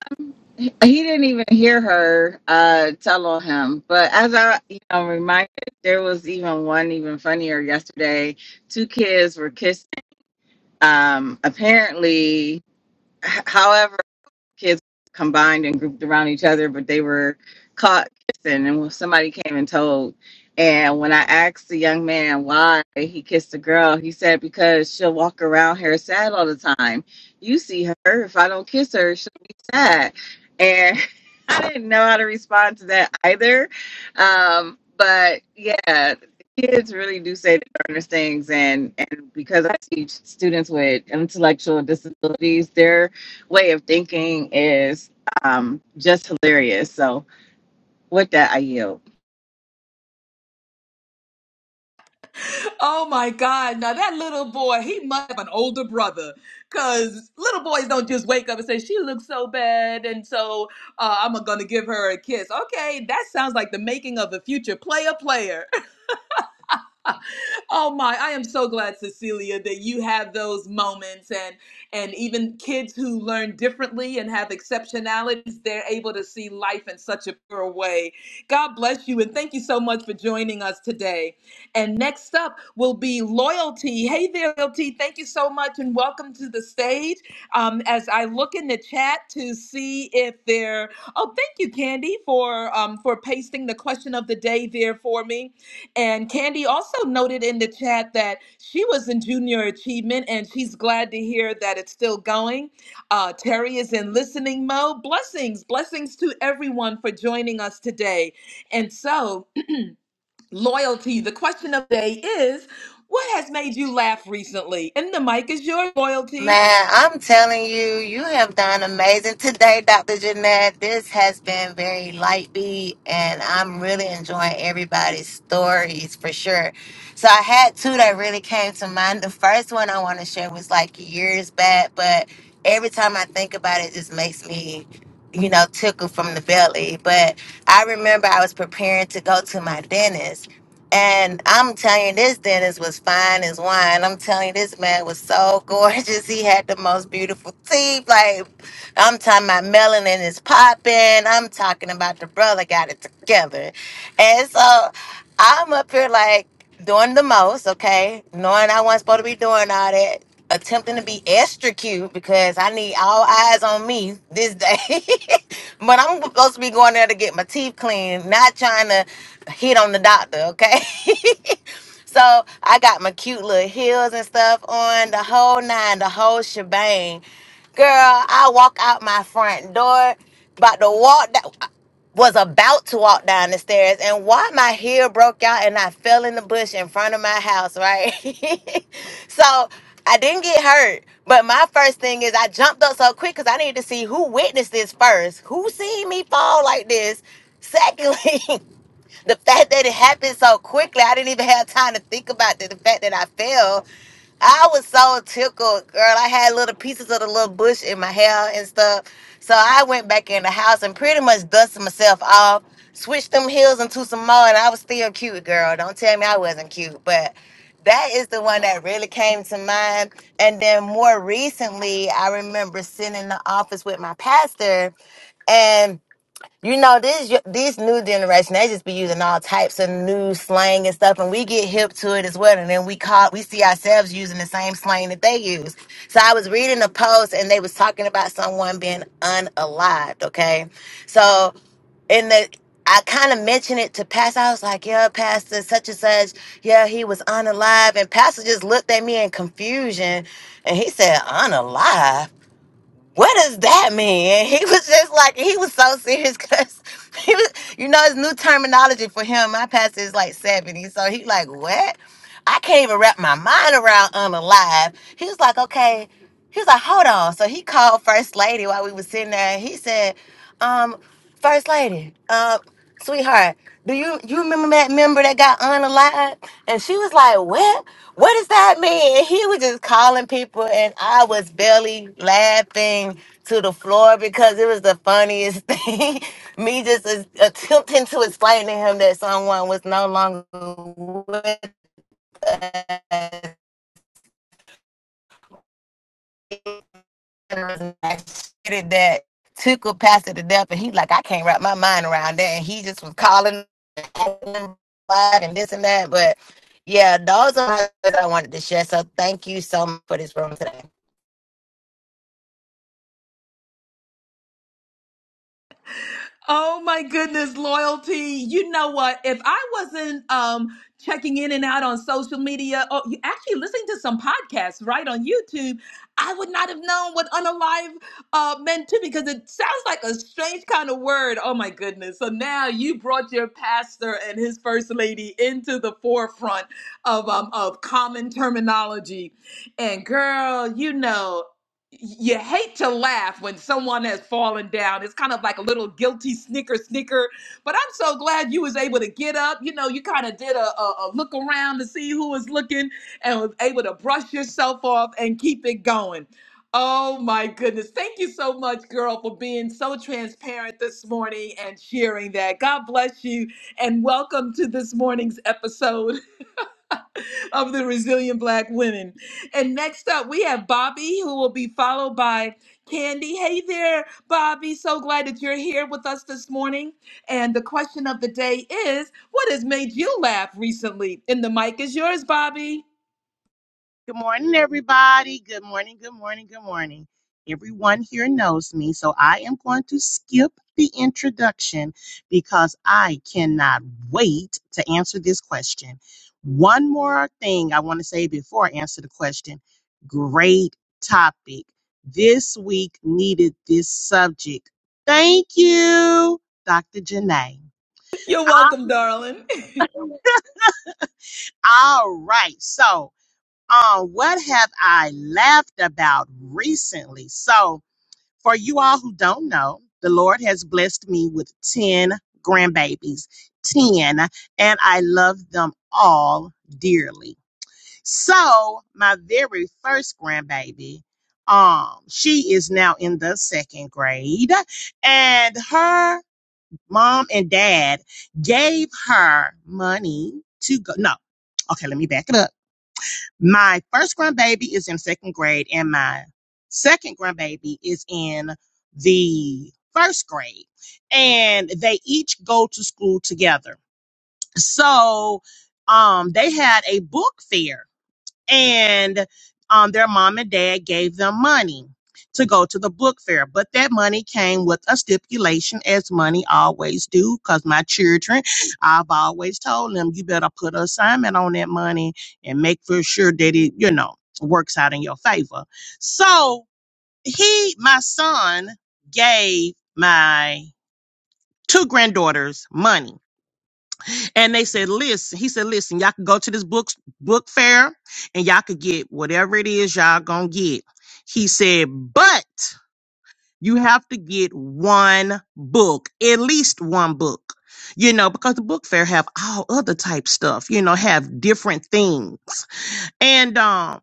S5: he didn't even hear her uh, tell on him. But as I, you know, reminded, there was even one even funnier yesterday. Two kids were kissing. Um, apparently, h- however. kids combined and grouped around each other, but they were caught kissing, and when somebody came and told. And when I asked the young man why he kissed the girl, he said, Because she'll walk around here sad all the time. You see her, if I don't kiss her, she'll be sad. And I didn't know how to respond to that either. Um, but yeah, kids really do say the darndest things. And, and because I teach students with intellectual disabilities, they're way of thinking is um, just hilarious. So with that, I yield.
S1: Oh my God. Now that little boy, he must have an older brother. Cause little boys don't just wake up and say, She looks so bad, and so uh, I'm gonna give her a kiss. Okay, that sounds like the making of a future player player. Oh my, I am so glad, Cecilia, that you have those moments and and even kids who learn differently and have exceptionalities, they're able to see life in such a pure way. God bless you and thank you so much for joining us today. And next up will be Loyalty. Hey there, Loyalty. Thank you so much and welcome to the stage. Um, as I look in the chat to see if there, oh, thank you, Candy, for um, for pasting the question of the day there for me. And Candy also noted in the chat that she was in junior achievement and she's glad to hear that it's still going. Uh, Terry is in listening mode. Blessings, blessings to everyone for joining us today. And so, loyalty, the question of the day is what has made you laugh recently? And the mic is your loyalty.
S6: Man, I'm telling you, you have done amazing today, Dr. Jeanette. This has been very light beat, and I'm really enjoying everybody's stories for sure. So I had two that really came to mind. The first one I want to share was like years back, but every time I think about it, it just makes me, you know, tickle from the belly. But I remember I was preparing to go to my dentist and I'm telling you, this dentist was fine as wine. I'm telling you, this man was so gorgeous. He had the most beautiful teeth. Like, I'm talking about melanin is popping. I'm talking about the brother got it together. And so I'm up here, like, doing the most, okay? Knowing I wasn't supposed to be doing all that. Attempting to be extra cute because I need all eyes on me this day. but I'm supposed to be going there to get my teeth cleaned, not trying to hit on the doctor, okay? so I got my cute little heels and stuff on, the whole nine, the whole shebang. Girl, I walk out my front door, about to walk that was about to walk down the stairs, and why my heel broke out and I fell in the bush in front of my house, right? so I didn't get hurt, but my first thing is I jumped up so quick because I needed to see who witnessed this first, who seen me fall like this. Secondly, the fact that it happened so quickly, I didn't even have time to think about the, the fact that I fell. I was so tickled, girl. I had little pieces of the little bush in my hair and stuff. So I went back in the house and pretty much dusted myself off, switched them heels into some more, and I was still cute, girl. Don't tell me I wasn't cute, but that is the one that really came to mind. And then more recently, I remember sitting in the office with my pastor, and you know, this this new generation, they just be using all types of new slang and stuff, and we get hip to it as well. And then we call we see ourselves using the same slang that they use. So I was reading a post and they was talking about someone being unalived, okay? So in the I kind of mentioned it to Pastor. I was like, yeah, Pastor, such and such. Yeah, he was unalive. And Pastor just looked at me in confusion and he said, unalive what does that mean? And he was just like, he was so serious because he was, you know, it's new terminology for him. My pastor is like 70. So he like, what? I can't even wrap my mind around unalive. He was like, okay. He was like, hold on. So he called First Lady while we was sitting there. And he said, um, First lady, uh, sweetheart, do you you remember that member that got unalived? And she was like, "What? What does that mean?" And he was just calling people, and I was barely laughing to the floor because it was the funniest thing. Me just as- attempting to explain to him that someone was no longer with us. and I stated that tickled Pastor to death, and he like, I can't wrap my mind around that. And he just was calling and this and that. But yeah, those are my things I wanted to share. So thank you so much for this room today.
S1: Oh my goodness, loyalty. You know what? If I wasn't um checking in and out on social media or you actually listening to some podcasts right on YouTube, I would not have known what unalive uh meant too because it sounds like a strange kind of word. Oh my goodness. So now you brought your pastor and his first lady into the forefront of um of common terminology. And girl, you know you hate to laugh when someone has fallen down. It's kind of like a little guilty snicker, snicker. But I'm so glad you was able to get up. You know, you kind of did a, a, a look around to see who was looking and was able to brush yourself off and keep it going. Oh my goodness. Thank you so much, girl, for being so transparent this morning and sharing that. God bless you and welcome to this morning's episode of the resilient black women. And next up, we have Bobby, who will be followed by Candy. Hey there, Bobby. So glad that you're here with us this morning. And the question of the day is what has made you laugh recently? And the mic is yours, Bobby.
S7: Good morning, everybody. Good morning, good morning, good morning. Everyone here knows me, so I am going to skip the introduction because I cannot wait to answer this question. One more thing I want to say before I answer the question great topic. This week needed this subject. Thank you, Dr. Janae.
S1: You're welcome, darling.
S7: all right, so. on what have I laughed about recently? So, for you all who don't know, the Lord has blessed me with 10 grandbabies, 10, and I love them all dearly. So, my very first grandbaby, um, she is now in the second grade, and her mom and dad gave her money to go. No, okay, let me back it up my first grandbaby is in second grade, and my second grandbaby is in the first grade. And they each go to school together. So um, they had a book fair and um, their mom and dad gave them money to go to the book fair but that money came with a stipulation as money always do because my children i've always told them you better put an assignment on that money and make for sure that it you know works out in your favor so he my son gave my two granddaughters money and they said, listen, he said, listen, y'all can go to this book book fair and y'all could get whatever it is y'all gonna get. He said, but you have to get one book, at least one book. You know, because the book fair have all other type stuff, you know, have different things. And um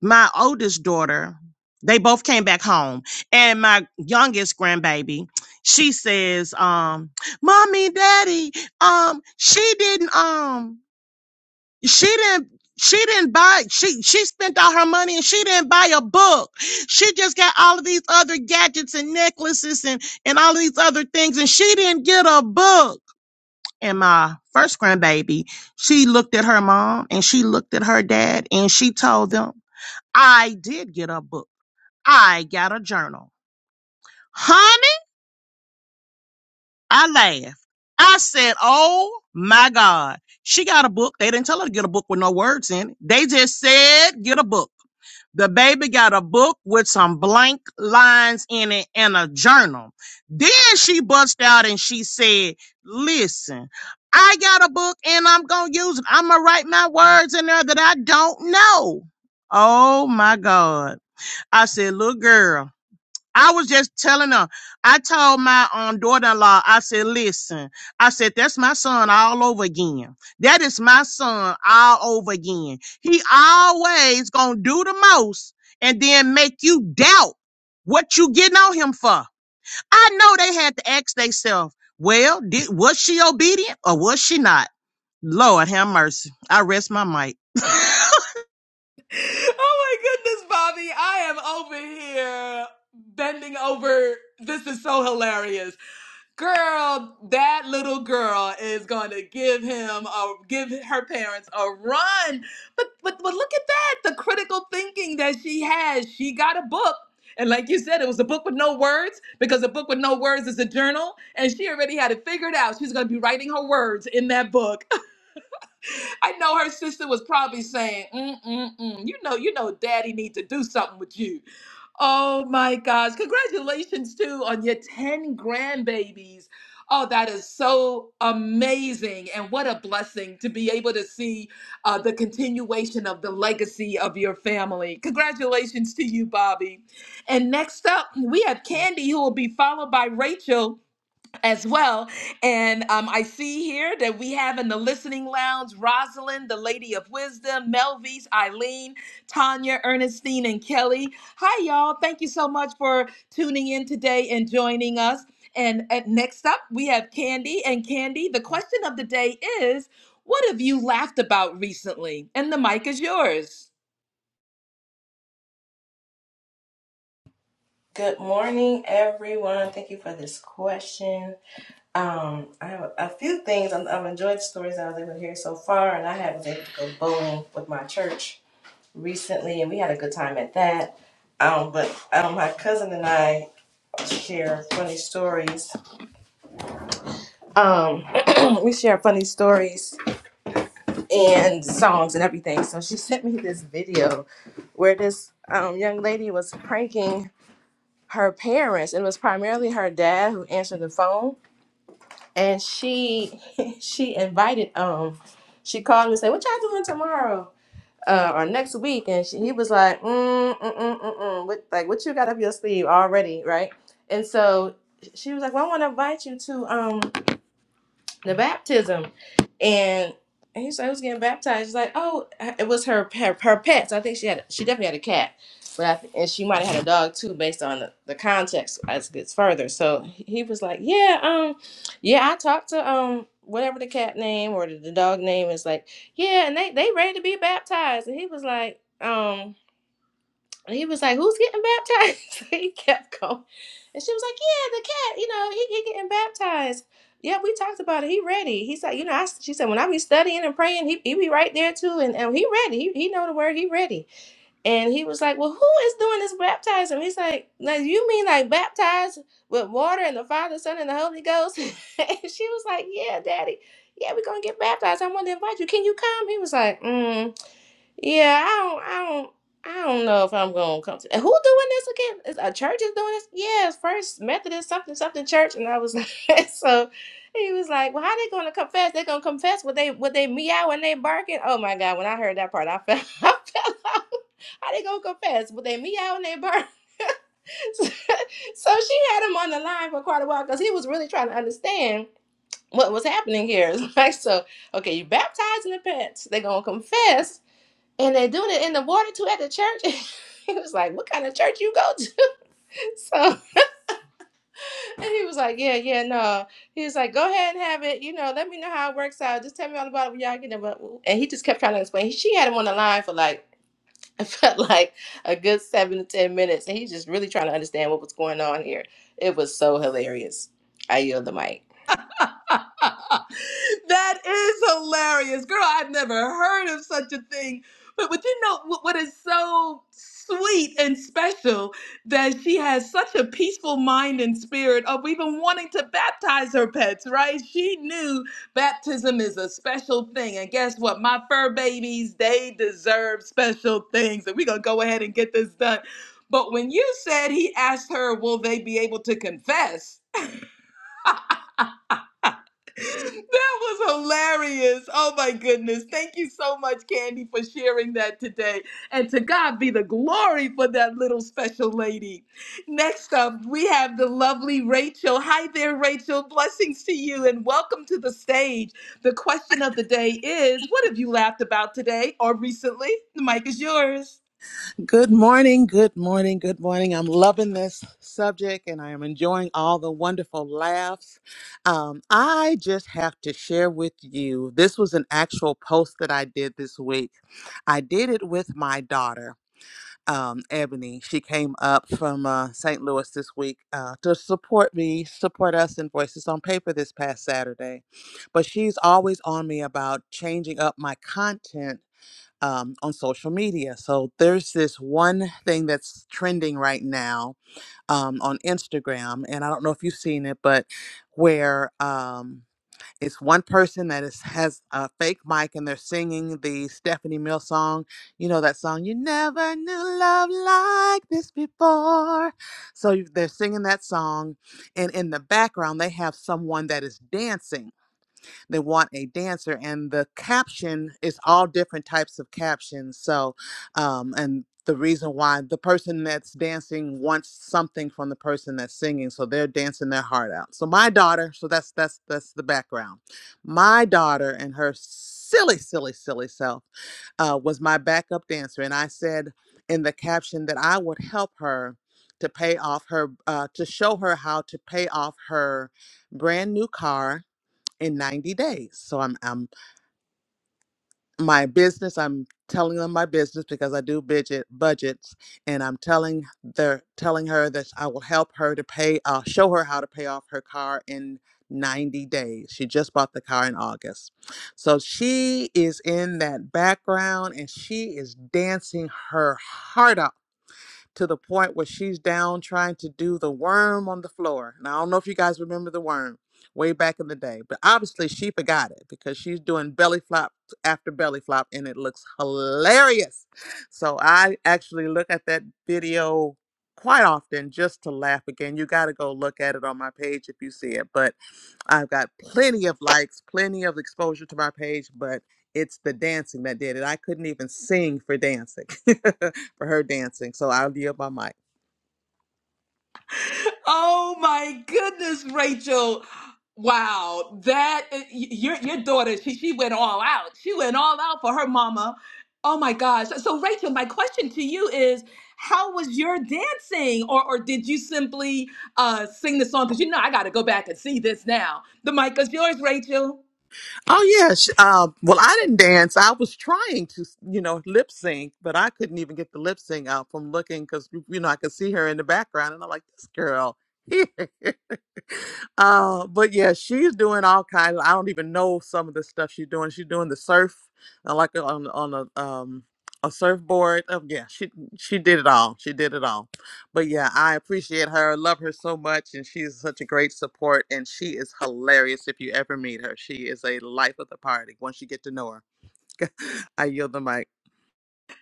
S7: my oldest daughter, they both came back home. And my youngest grandbaby, she says, um, Mommy, Daddy, um, she didn't um she didn't she didn't buy she she spent all her money and she didn't buy a book. She just got all of these other gadgets and necklaces and and all these other things and she didn't get a book. And my first grandbaby, she looked at her mom and she looked at her dad and she told them, I did get a book. I got a journal. Honey, I laughed. I said, Oh my God. She got a book. They didn't tell her to get a book with no words in it. They just said, Get a book. The baby got a book with some blank lines in it and a journal. Then she bust out and she said, Listen, I got a book and I'm going to use it. I'm going to write my words in there that I don't know. Oh my God. I said, Little girl. I was just telling her. I told my um, daughter-in-law. I said, "Listen, I said that's my son all over again. That is my son all over again. He always gonna do the most, and then make you doubt what you getting on him for." I know they had to ask themselves, "Well, did was she obedient or was she not?" Lord have mercy. I rest my mic.
S1: oh my goodness, Bobby. I am over here bending over. This is so hilarious. Girl, that little girl is going to give him a give her parents a run. But but but look at that, the critical thinking that she has. She got a book. And like you said, it was a book with no words because a book with no words is a journal, and she already had it figured out. She's going to be writing her words in that book I know her sister was probably saying, mm, mm, mm. you know, you know, daddy need to do something with you. Oh my gosh. Congratulations too on your 10 grandbabies. Oh, that is so amazing. And what a blessing to be able to see uh, the continuation of the legacy of your family. Congratulations to you, Bobby. And next up, we have Candy, who will be followed by Rachel as well. And um, I see here that we have in the listening lounge Rosalind, the Lady of Wisdom, Melvise, Eileen, Tanya, Ernestine, and Kelly. Hi, y'all. Thank you so much for tuning in today and joining us. And uh, next up, we have Candy. And Candy, the question of the day is what have you laughed about recently? And the mic is yours.
S8: Good morning, everyone. Thank you for this question. Um, I have a few things. i I've enjoyed the stories I was able to hear so far, and I had was able to go bowling with my church recently, and we had a good time at that. Um, but um, my cousin and I share funny stories. Um, we share funny stories and songs and everything. So she sent me this video where this um, young lady was pranking her parents, and it was primarily her dad who answered the phone and she she invited um she called me and said what y'all doing tomorrow uh, or next week and she, he was like mm, mm, mm, mm, mm. mm. What, like what you got up your sleeve already right and so she was like well i want to invite you to um the baptism and and he said, I was getting baptized. He's like, oh, it was her, her her pets. I think she had she definitely had a cat, but I, th- and she might have had a dog too, based on the, the context as it gets further. So he was like, yeah, um, yeah, I talked to um whatever the cat name or the, the dog name is like, yeah, and they they ready to be baptized, and he was like, um. And he was like, "Who's getting baptized?" he kept going, and she was like, "Yeah, the cat. You know, he, he getting baptized. Yeah, we talked about it. He ready." He said, "You know," I, she said, "When I be studying and praying, he, he be right there too, and, and he ready. He, he know the word. He ready." And he was like, "Well, who is doing this baptizing?" He's like, "Now you mean like baptized with water and the Father, Son, and the Holy Ghost?" and she was like, "Yeah, Daddy. Yeah, we are gonna get baptized. I want to invite you. Can you come?" He was like, mm. Yeah, I don't, I don't, I don't know if I'm gonna come to. and Who doing this again? Is a church is doing this? Yeah, it's First Methodist something something church, and I was like, so. He was like, "Well, how they gonna confess? They gonna confess what they what they meow and they barking? Oh my God! When I heard that part, I fell, I fell off. How they gonna confess? But they meow and they bark. so she had him on the line for quite a while because he was really trying to understand what was happening here. It's like, so okay, you baptized in the pants. They gonna confess and they're doing it in the water too at the church. he was like, "What kind of church you go to?" So and he was like, "Yeah, yeah, no." He was like, "Go ahead and have it. You know, let me know how it works out. Just tell me all about it when y'all get there." And he just kept trying to explain. She had him on the line for like it felt like a good seven to ten minutes, and he's just really trying to understand what was going on here. It was so hilarious. I yield the mic.
S1: that is hilarious. Girl, I've never heard of such a thing. But, but you know what, what is so sweet and special that she has such a peaceful mind and spirit of even wanting to baptize her pets, right? She knew baptism is a special thing. And guess what? My fur babies, they deserve special things. And we're going to go ahead and get this done. But when you said he asked her, will they be able to confess? That was hilarious. Oh my goodness. Thank you so much, Candy, for sharing that today. And to God be the glory for that little special lady. Next up, we have the lovely Rachel. Hi there, Rachel. Blessings to you and welcome to the stage. The question of the day is What have you laughed about today or recently? The mic is yours.
S9: Good morning, good morning, good morning. I'm loving this subject and I am enjoying all the wonderful laughs. Um, I just have to share with you this was an actual post that I did this week. I did it with my daughter, um, Ebony. She came up from uh, St. Louis this week uh, to support me, support us in Voices on Paper this past Saturday. But she's always on me about changing up my content um, on social media. So there's this one thing that's trending right now um, on Instagram, and I don't know if you've seen it, but where um, it's one person that is has a fake mic and they're singing the Stephanie Mills song. You know that song, "You Never Knew Love Like This Before." So you- they're singing that song, and in the background they have someone that is dancing they want a dancer and the caption is all different types of captions so um and the reason why the person that's dancing wants something from the person that's singing so they're dancing their heart out so my daughter so that's that's that's the background my daughter and her silly silly silly self uh, was my backup dancer and i said in the caption that i would help her to pay off her uh, to show her how to pay off her brand new car in 90 days. So I'm I'm my business, I'm telling them my business because I do budget budgets and I'm telling the telling her that I will help her to pay uh show her how to pay off her car in 90 days. She just bought the car in August. So she is in that background and she is dancing her heart out to the point where she's down trying to do the worm on the floor. Now, I don't know if you guys remember the worm way back in the day, but obviously she forgot it because she's doing belly flop after belly flop and it looks hilarious. So I actually look at that video quite often just to laugh again. You got to go look at it on my page if you see it. But I've got plenty of likes, plenty of exposure to my page, but it's the dancing that did it. I couldn't even sing for dancing, for her dancing. So I'll yield my mic.
S1: Oh my goodness, Rachel. Wow, that your your daughter, she she went all out. She went all out for her mama. Oh my gosh. So Rachel, my question to you is how was your dancing or or did you simply uh sing the song cuz you know I got to go back and see this now. The mic is yours, Rachel.
S9: Oh, yeah. She, uh, well, I didn't dance. I was trying to, you know, lip sync, but I couldn't even get the lip sync out from looking because, you know, I could see her in the background. And I'm like, this girl. Uh, but yeah, she's doing all kinds. I don't even know some of the stuff she's doing. She's doing the surf, uh, like uh, on on a um a surfboard. Oh, yeah, she she did it all. She did it all. But yeah, I appreciate her. Love her so much, and she's such a great support. And she is hilarious. If you ever meet her, she is a life of the party. Once you get to know her, I yield the mic.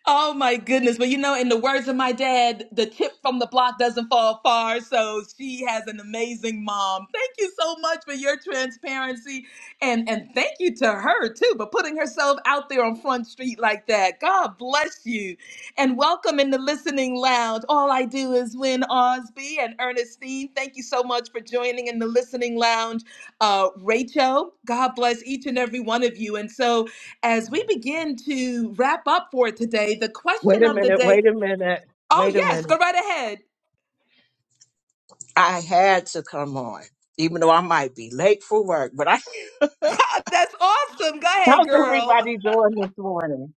S1: Oh my goodness. But you know, in the words of my dad, the tip from the block doesn't fall far. So she has an amazing mom. Thank you so much for your transparency and and thank you to her too for putting herself out there on Front Street like that. God bless you. And welcome in the listening lounge. All I do is win Osby and Ernestine. Thank you so much for joining in the listening lounge. Uh Rachel, God bless each and every one of you. And so as we begin to wrap up for today, the
S10: Wait
S1: question
S10: a
S1: of the
S10: minute,
S1: day.
S10: wait a minute,
S1: Oh,
S10: wait a
S1: yes, go
S10: minute.
S1: right ahead.
S10: I had to come on, even though I might be late for work. But I,
S1: Uh, That's awesome. Go ahead,
S10: How's
S1: girl.
S10: everybody doing this morning?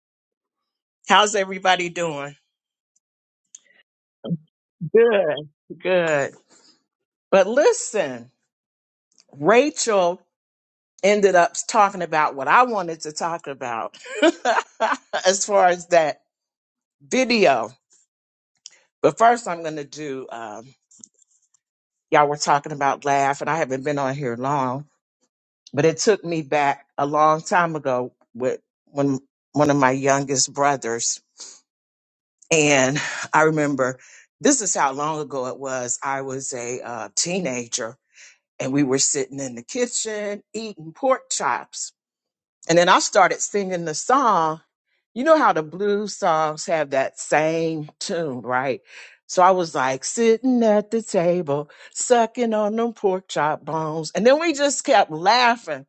S10: how's everybody doing? Good, good. But listen, Rachel ended up talking about what I wanted to talk about as far as that video. But first, I'm going to do, um, y'all were talking about laugh, and I haven't been on here long. but it took me back a long time ago with when one of my youngest brothers and i remember this is how long ago it was i was a uh, teenager and we were sitting in the kitchen eating pork chops and then i started singing the song you know how the blues songs have that same tune right so i was like sitting at the table sucking on them pork chop bones and then we just kept laughing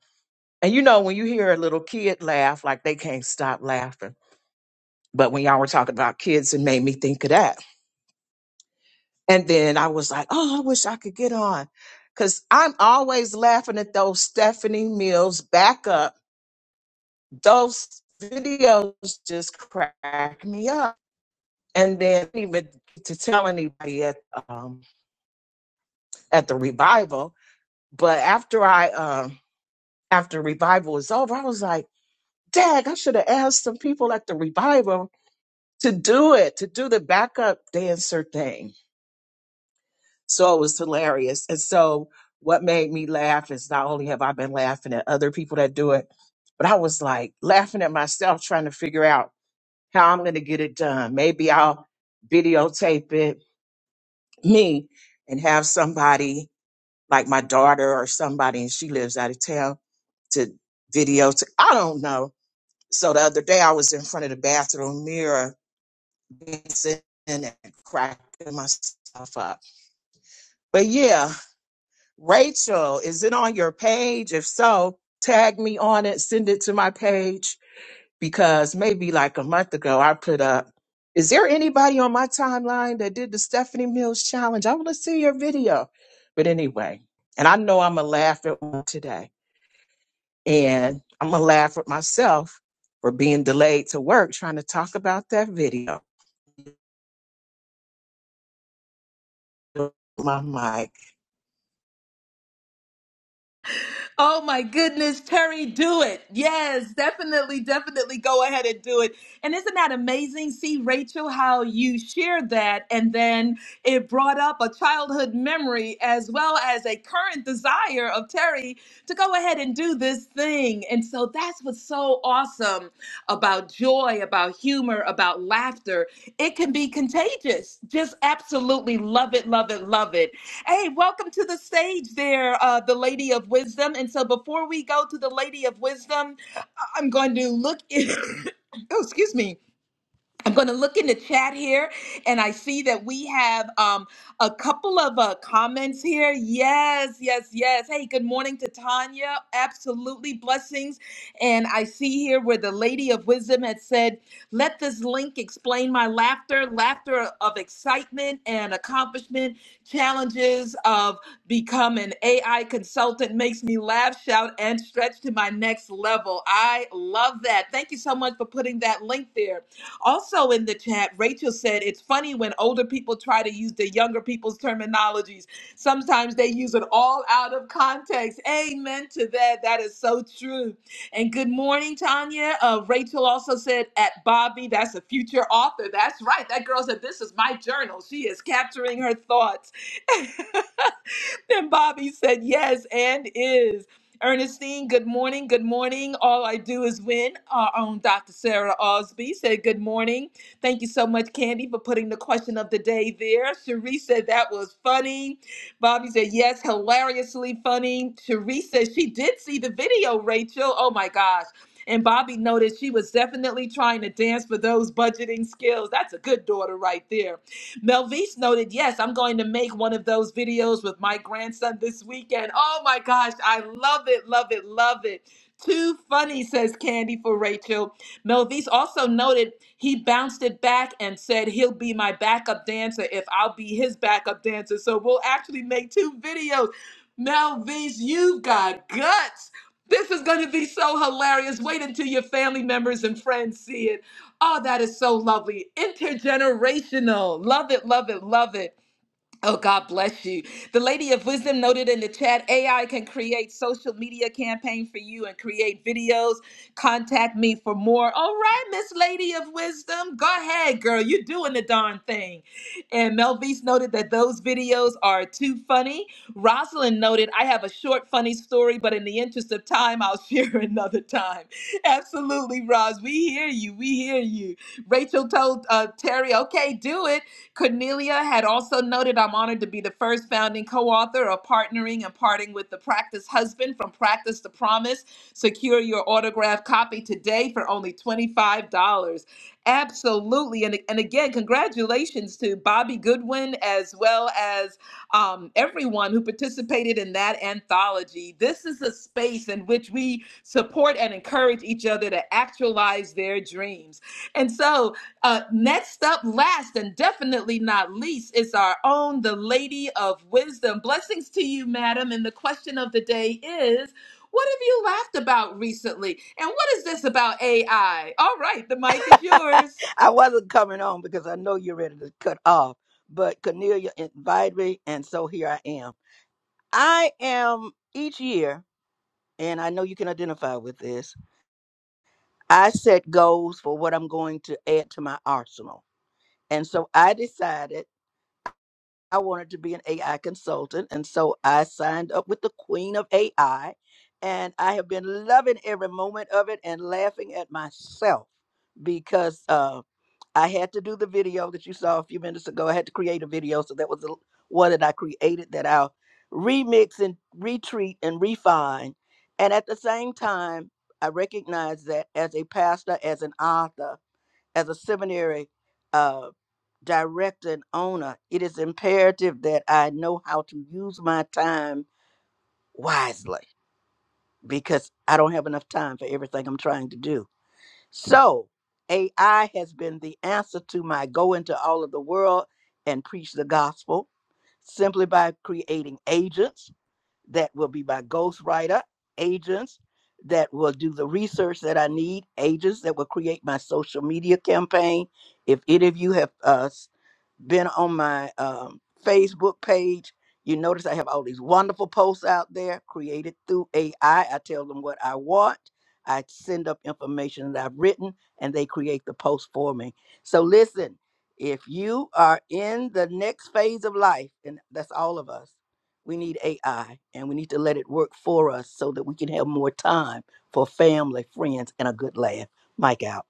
S10: and you know, when you hear a little kid laugh, like they can't stop laughing. But when y'all were talking about kids, it made me think of that. And then I was like, oh, I wish I could get on. Cause I'm always laughing at those Stephanie Mills back up. Those videos just crack me up. And then even to tell anybody at um at the revival. But after I um after revival was over, I was like, Dag, I should have asked some people at the revival to do it, to do the backup dancer thing. So it was hilarious. And so what made me laugh is not only have I been laughing at other people that do it, but I was like laughing at myself trying to figure out how I'm going to get it done. Maybe I'll videotape it me and have somebody like my daughter or somebody, and she lives out of town to videotape. I don't know. So the other day I was in front of the bathroom mirror in and cracking myself up. But yeah, Rachel, is it on your page? If so, tag me on it, send it to my page because maybe like a month ago I put up. Is there anybody on my timeline that did the Stephanie Mills challenge? I want to see your video. But anyway, and I know I'm going to laugh at one today. And I'm going to laugh at myself for being delayed to work trying to talk about that video. My mic.
S1: Oh my goodness, Terry, do it. Yes, definitely, definitely go ahead and do it. And isn't that amazing? See, Rachel, how you shared that. And then it brought up a childhood memory as well as a current desire of Terry to go ahead and do this thing. And so that's what's so awesome about joy, about humor, about laughter. It can be contagious. Just absolutely love it, love it, love it. Hey, welcome to the stage there, uh, the Lady of Wisdom. And so before we go to the Lady of Wisdom, I- I'm going to look in, oh, excuse me. I'm going to look in the chat here and I see that we have um, a couple of uh, comments here. Yes, yes, yes. Hey, good morning to Tanya. Absolutely blessings. And I see here where the lady of wisdom had said, Let this link explain my laughter, laughter of excitement and accomplishment, challenges of become an AI consultant makes me laugh, shout, and stretch to my next level. I love that. Thank you so much for putting that link there. Also in the chat, Rachel said it's funny when older people try to use the younger people's terminologies. Sometimes they use it all out of context. Amen to that. That is so true. And good morning, Tanya. Uh, Rachel also said at Bobby, that's a future author. That's right. That girl said, This is my journal. She is capturing her thoughts. Then Bobby said yes and is. Ernestine, good morning. Good morning. All I do is win. Our own Dr. Sarah Osby said good morning. Thank you so much, Candy, for putting the question of the day there. Cherie said that was funny. Bobby said yes, hilariously funny. Cherie said she did see the video, Rachel. Oh my gosh. And Bobby noted she was definitely trying to dance for those budgeting skills. That's a good daughter right there. Melvise noted, yes, I'm going to make one of those videos with my grandson this weekend. Oh my gosh, I love it, love it, love it. Too funny, says Candy for Rachel. Melvise also noted he bounced it back and said he'll be my backup dancer if I'll be his backup dancer. So we'll actually make two videos. Melvise, you've got guts. This is going to be so hilarious. Wait until your family members and friends see it. Oh, that is so lovely. Intergenerational. Love it, love it, love it. Oh, God bless you. The Lady of Wisdom noted in the chat AI can create social media campaign for you and create videos. Contact me for more. All right, Miss Lady of Wisdom. Go ahead, girl. You're doing the darn thing. And Melvise noted that those videos are too funny. Rosalind noted, I have a short, funny story, but in the interest of time, I'll share another time. Absolutely, Roz. We hear you. We hear you. Rachel told uh, Terry, okay, do it. Cornelia had also noted I'm honored to be the first founding co author of Partnering and Parting with the Practice Husband from Practice to Promise. Secure your autographed copy today for only $25. Absolutely. And, and again, congratulations to Bobby Goodwin as well as um, everyone who participated in that anthology. This is a space in which we support and encourage each other to actualize their dreams. And so, uh, next up, last and definitely not least, is our own, the Lady of Wisdom. Blessings to you, madam. And the question of the day is what have you laughed about recently? And what is this about AI? All right, the mic is yours.
S11: I wasn't coming on because I know you're ready to cut off, but Cornelia invited me, and so here I am. I am each year, and I know you can identify with this. I set goals for what I'm going to add to my arsenal. And so I decided I wanted to be an AI consultant. And so I signed up with the queen of AI, and I have been loving every moment of it and laughing at myself because uh, I had to do the video that you saw a few minutes ago. I had to create a video, so that was the l- one that I created that I'll remix and retreat and refine. And at the same time, I recognize that as a pastor, as an author, as a seminary uh, director and owner, it is imperative that I know how to use my time wisely because I don't have enough time for everything I'm trying to do. So AI has been the answer to my go into all of the world and preach the gospel simply by creating agents that will be my ghostwriter, agents that will do the research that I need, agents that will create my social media campaign. If any of you have uh, been on my um, Facebook page. You notice I have all these wonderful posts out there created through AI. I I tell them what I want. I send up information that I've written and they create the post for me. So listen, if you are in the next phase of life, and that's all of us, we need AI and we need to let it work for us so that we can have more time for family, friends, and a good laugh. Mike out.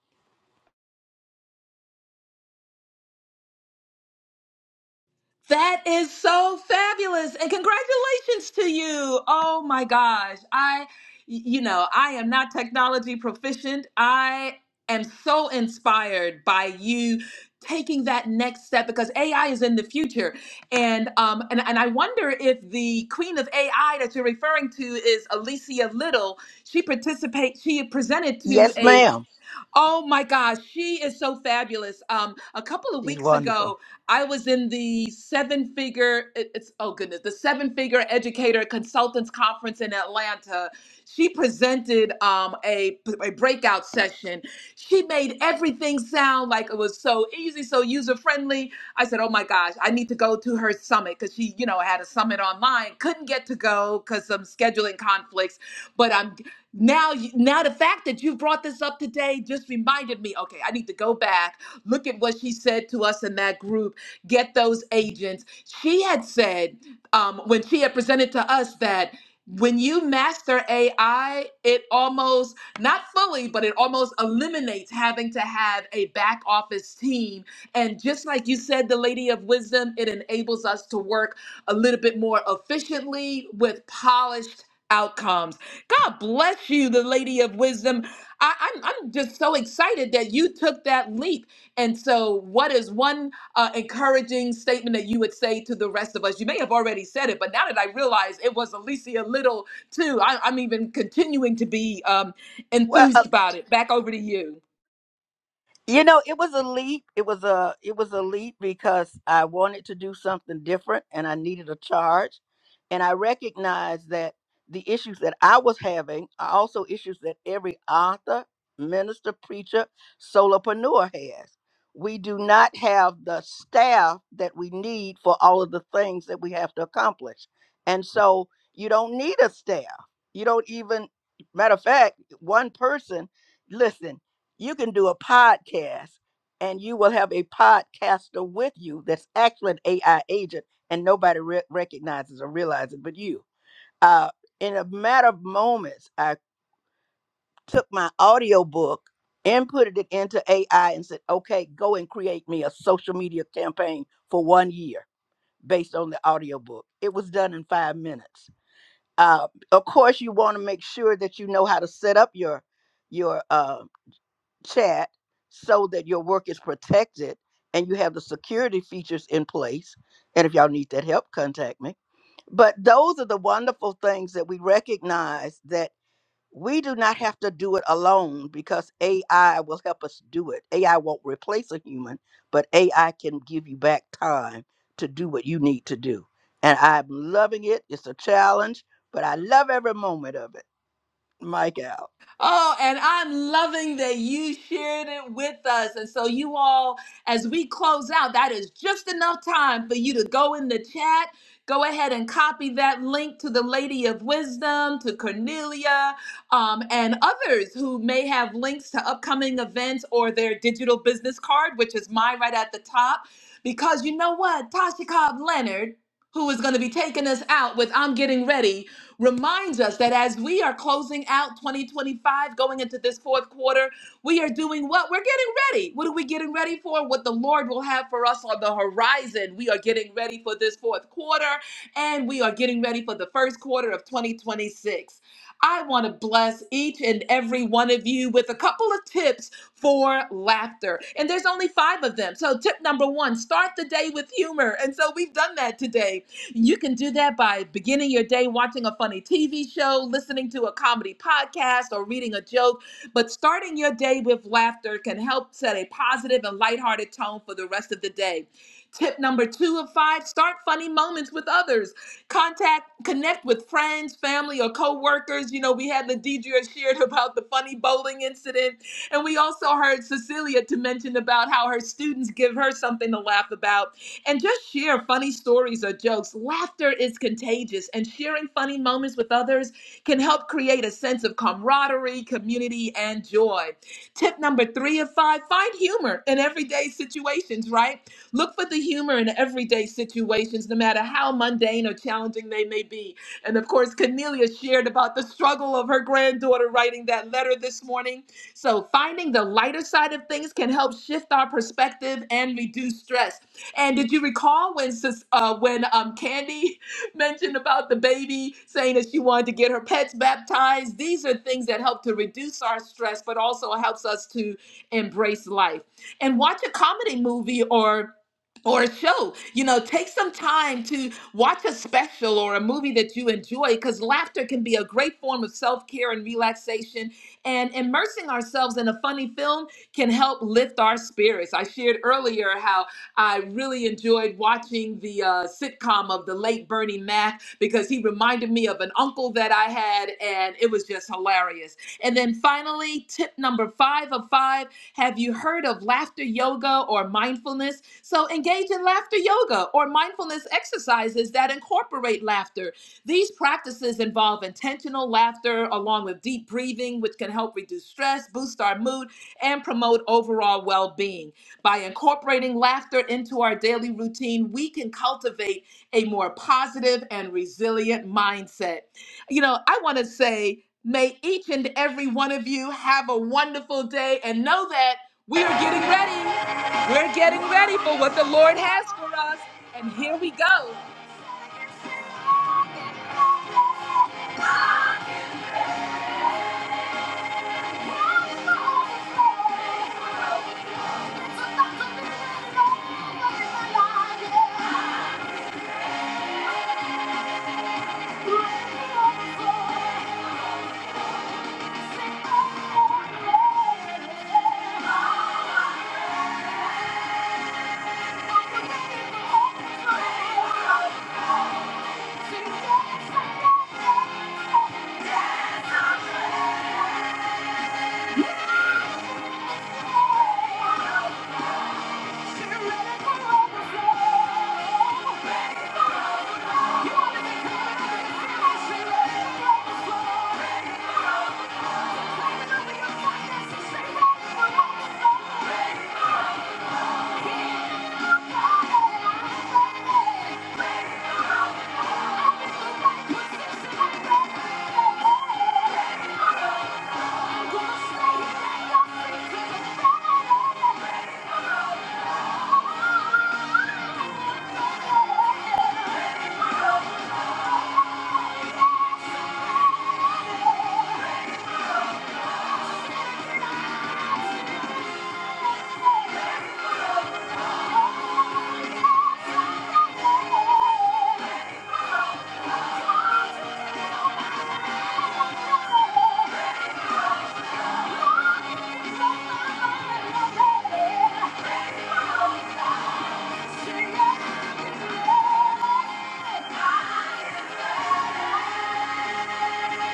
S1: That is so fabulous. And congratulations to you. Oh my gosh. I, you know, I am not technology proficient. I am so inspired by you taking that next step because AI is in the future. And um and, and I wonder if the queen of AI that you're referring to is Alicia Little. She participates, she presented to
S11: Yes,
S1: a
S11: ma'am.
S1: Oh my gosh, she is so fabulous. Um, a couple of
S11: She's
S1: weeks
S11: wonderful.
S1: ago, I was in the seven figure, it- it's oh goodness, the seven figure educator consultants conference in Atlanta. She presented um, a, a breakout session. She made everything sound like it was so easy, so user friendly. I said, Oh my gosh, I need to go to her summit because she, you know, had a summit online, couldn't get to go because some scheduling conflicts but I'm now you, now the fact that you brought this up today just reminded me okay i need to go back look at what she said to us in that group get those agents she had said um, when she had presented to us that when you master ai it almost not fully but it almost eliminates having to have a back office team and just like you said the lady of wisdom it enables us to work a little bit more efficiently with polished outcomes God bless you, the lady of wisdom. I, I'm, I'm just so excited that you took that leap. And so, what is one uh, encouraging statement that you would say to the rest of us? You may have already said it, but now that I realize it was Alicia Little, too, I, I'm even continuing to be um,
S11: Well, uh,
S1: enthused about it. Back over to you.
S11: You know, it was a leap. It was a it was a leap because I wanted to do something different and I needed a charge. And I recognized that the issues that I was having are also issues that every author, minister, preacher, solopreneur has. We do not have the staff that we need for all of the things that we have to accomplish. And so you don't need a staff. You don't even matter of fact, one person, listen you can do a podcast and you will have a podcaster with you that's actually an AI agent and nobody re- recognizes or realizes but you. Uh, in a matter of moments, I took my audio book, inputted it into AI, and said, okay, go and create me a social media campaign for one year based on the audio book. It was done in five minutes. Uh, of course, you want to make sure that you know how to set up your your uh, chat so that your work is protected and you have the security features in place. And if y'all need that help, contact me. But those are the wonderful things that we recognize that we do not have to do it alone because AI will help us do it. AI won't replace a human, but AI can give you back time to do what you need to do. And I'm loving it. It's a challenge, but I love every moment of it. Mike out.
S1: Oh, and I'm loving that you shared it with us. And so, you all, as we close out, that is just enough time for you to go in the chat. Go ahead and copy that link to the Lady of Wisdom, to Cornelia, um, and others who may have links to upcoming events or their digital business card, which is mine right at the top. Because you know what? Tasha Cobb Leonard, who is going to be taking us out with I'm Getting Ready reminds us that as we are closing out 2025, going into this fourth quarter, we are doing what? We're getting ready. What are we getting ready for? What the Lord will have for us on the horizon. We are getting ready for this fourth quarter and we are getting ready for the first quarter of 2026. I want to bless each and every one of you with a couple of tips for laughter. And there's only five of them. So, tip number one start the day with humor. And so, we've done that today you can do that by beginning your day watching a funny TV show, listening to a comedy podcast, or reading a joke. But starting your day with laughter can help set a positive and lighthearted tone for the rest of the day. Tip number two of five start funny moments with others. Contact, connect with friends, family, or coworkers. You know, we had Ladidria shared about the funny bowling incident. And we also heard Cecilia to mention about how her students give her something to laugh about and just share funny stories or jokes. Laughter is contagious, and sharing funny moments with others can help create a sense of camaraderie, community, and joy. Tip number three of five find humor in everyday situations, right? Look for the humor in everyday situations, no matter how mundane or challenging they may be. And of course, Cornelia shared about the struggle of her granddaughter writing that letter this morning. So, finding the lighter side of things can help shift our perspective and reduce stress. And did you recall when sis- uh, when um, Candy mentioned about the baby saying that she wanted to get her pets baptized? These are things that help to reduce our stress, but also helps us to embrace life. And watch a comedy movie or or a show, you know, take some time to watch a special or a movie that you enjoy because laughter can be a great form of self care and relaxation. And immersing ourselves in a funny film can help lift our spirits. I shared earlier how I really enjoyed watching the uh, sitcom of the late Bernie Mac because he reminded me of an uncle that I had, and it was just hilarious. And then finally, tip number five of five have you heard of laughter yoga or mindfulness? So engage in laughter yoga or mindfulness exercises that incorporate laughter. These practices involve intentional laughter along with deep breathing, which can help reduce stress, boost our mood, and promote overall well being. By incorporating laughter into our daily routine, we can cultivate a more positive and resilient mindset. You know, I want to say, may each and every one of you have a wonderful day and know that we are getting ready. We're getting ready for what the Lord has for us. And here we go. Yeah.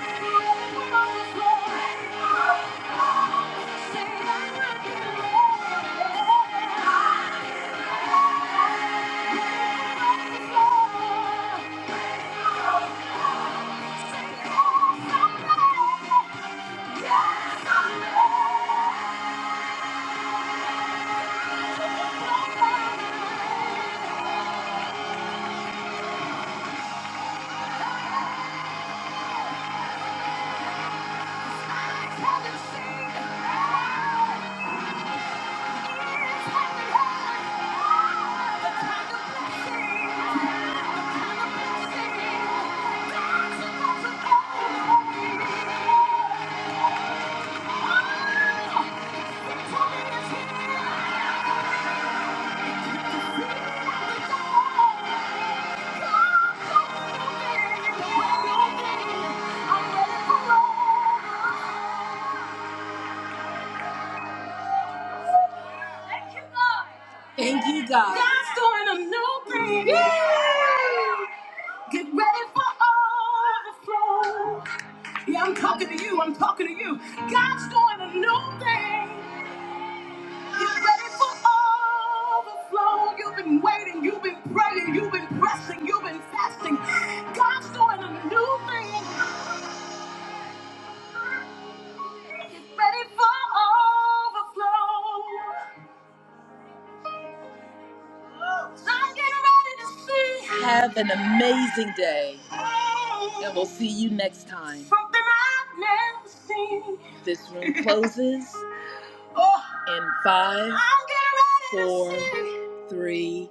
S1: Thank you. Thank you, God. God's doing a new thing. Yeah. Get ready for overflow. Yeah, I'm talking to you. I'm talking to you. God's doing a new thing. You're ready for overflow. You've been waiting, you've been praying, you've been pressing, you've been fasting. God's doing a new thing. He's ready for overflow. So I'm getting ready to see. Have an amazing day. And we'll see you next time. Something I've never seen. This room closes Oh, In five, four, three,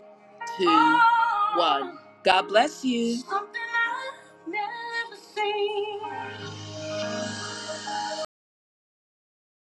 S1: two, oh, one. God bless you. Something I've never seen.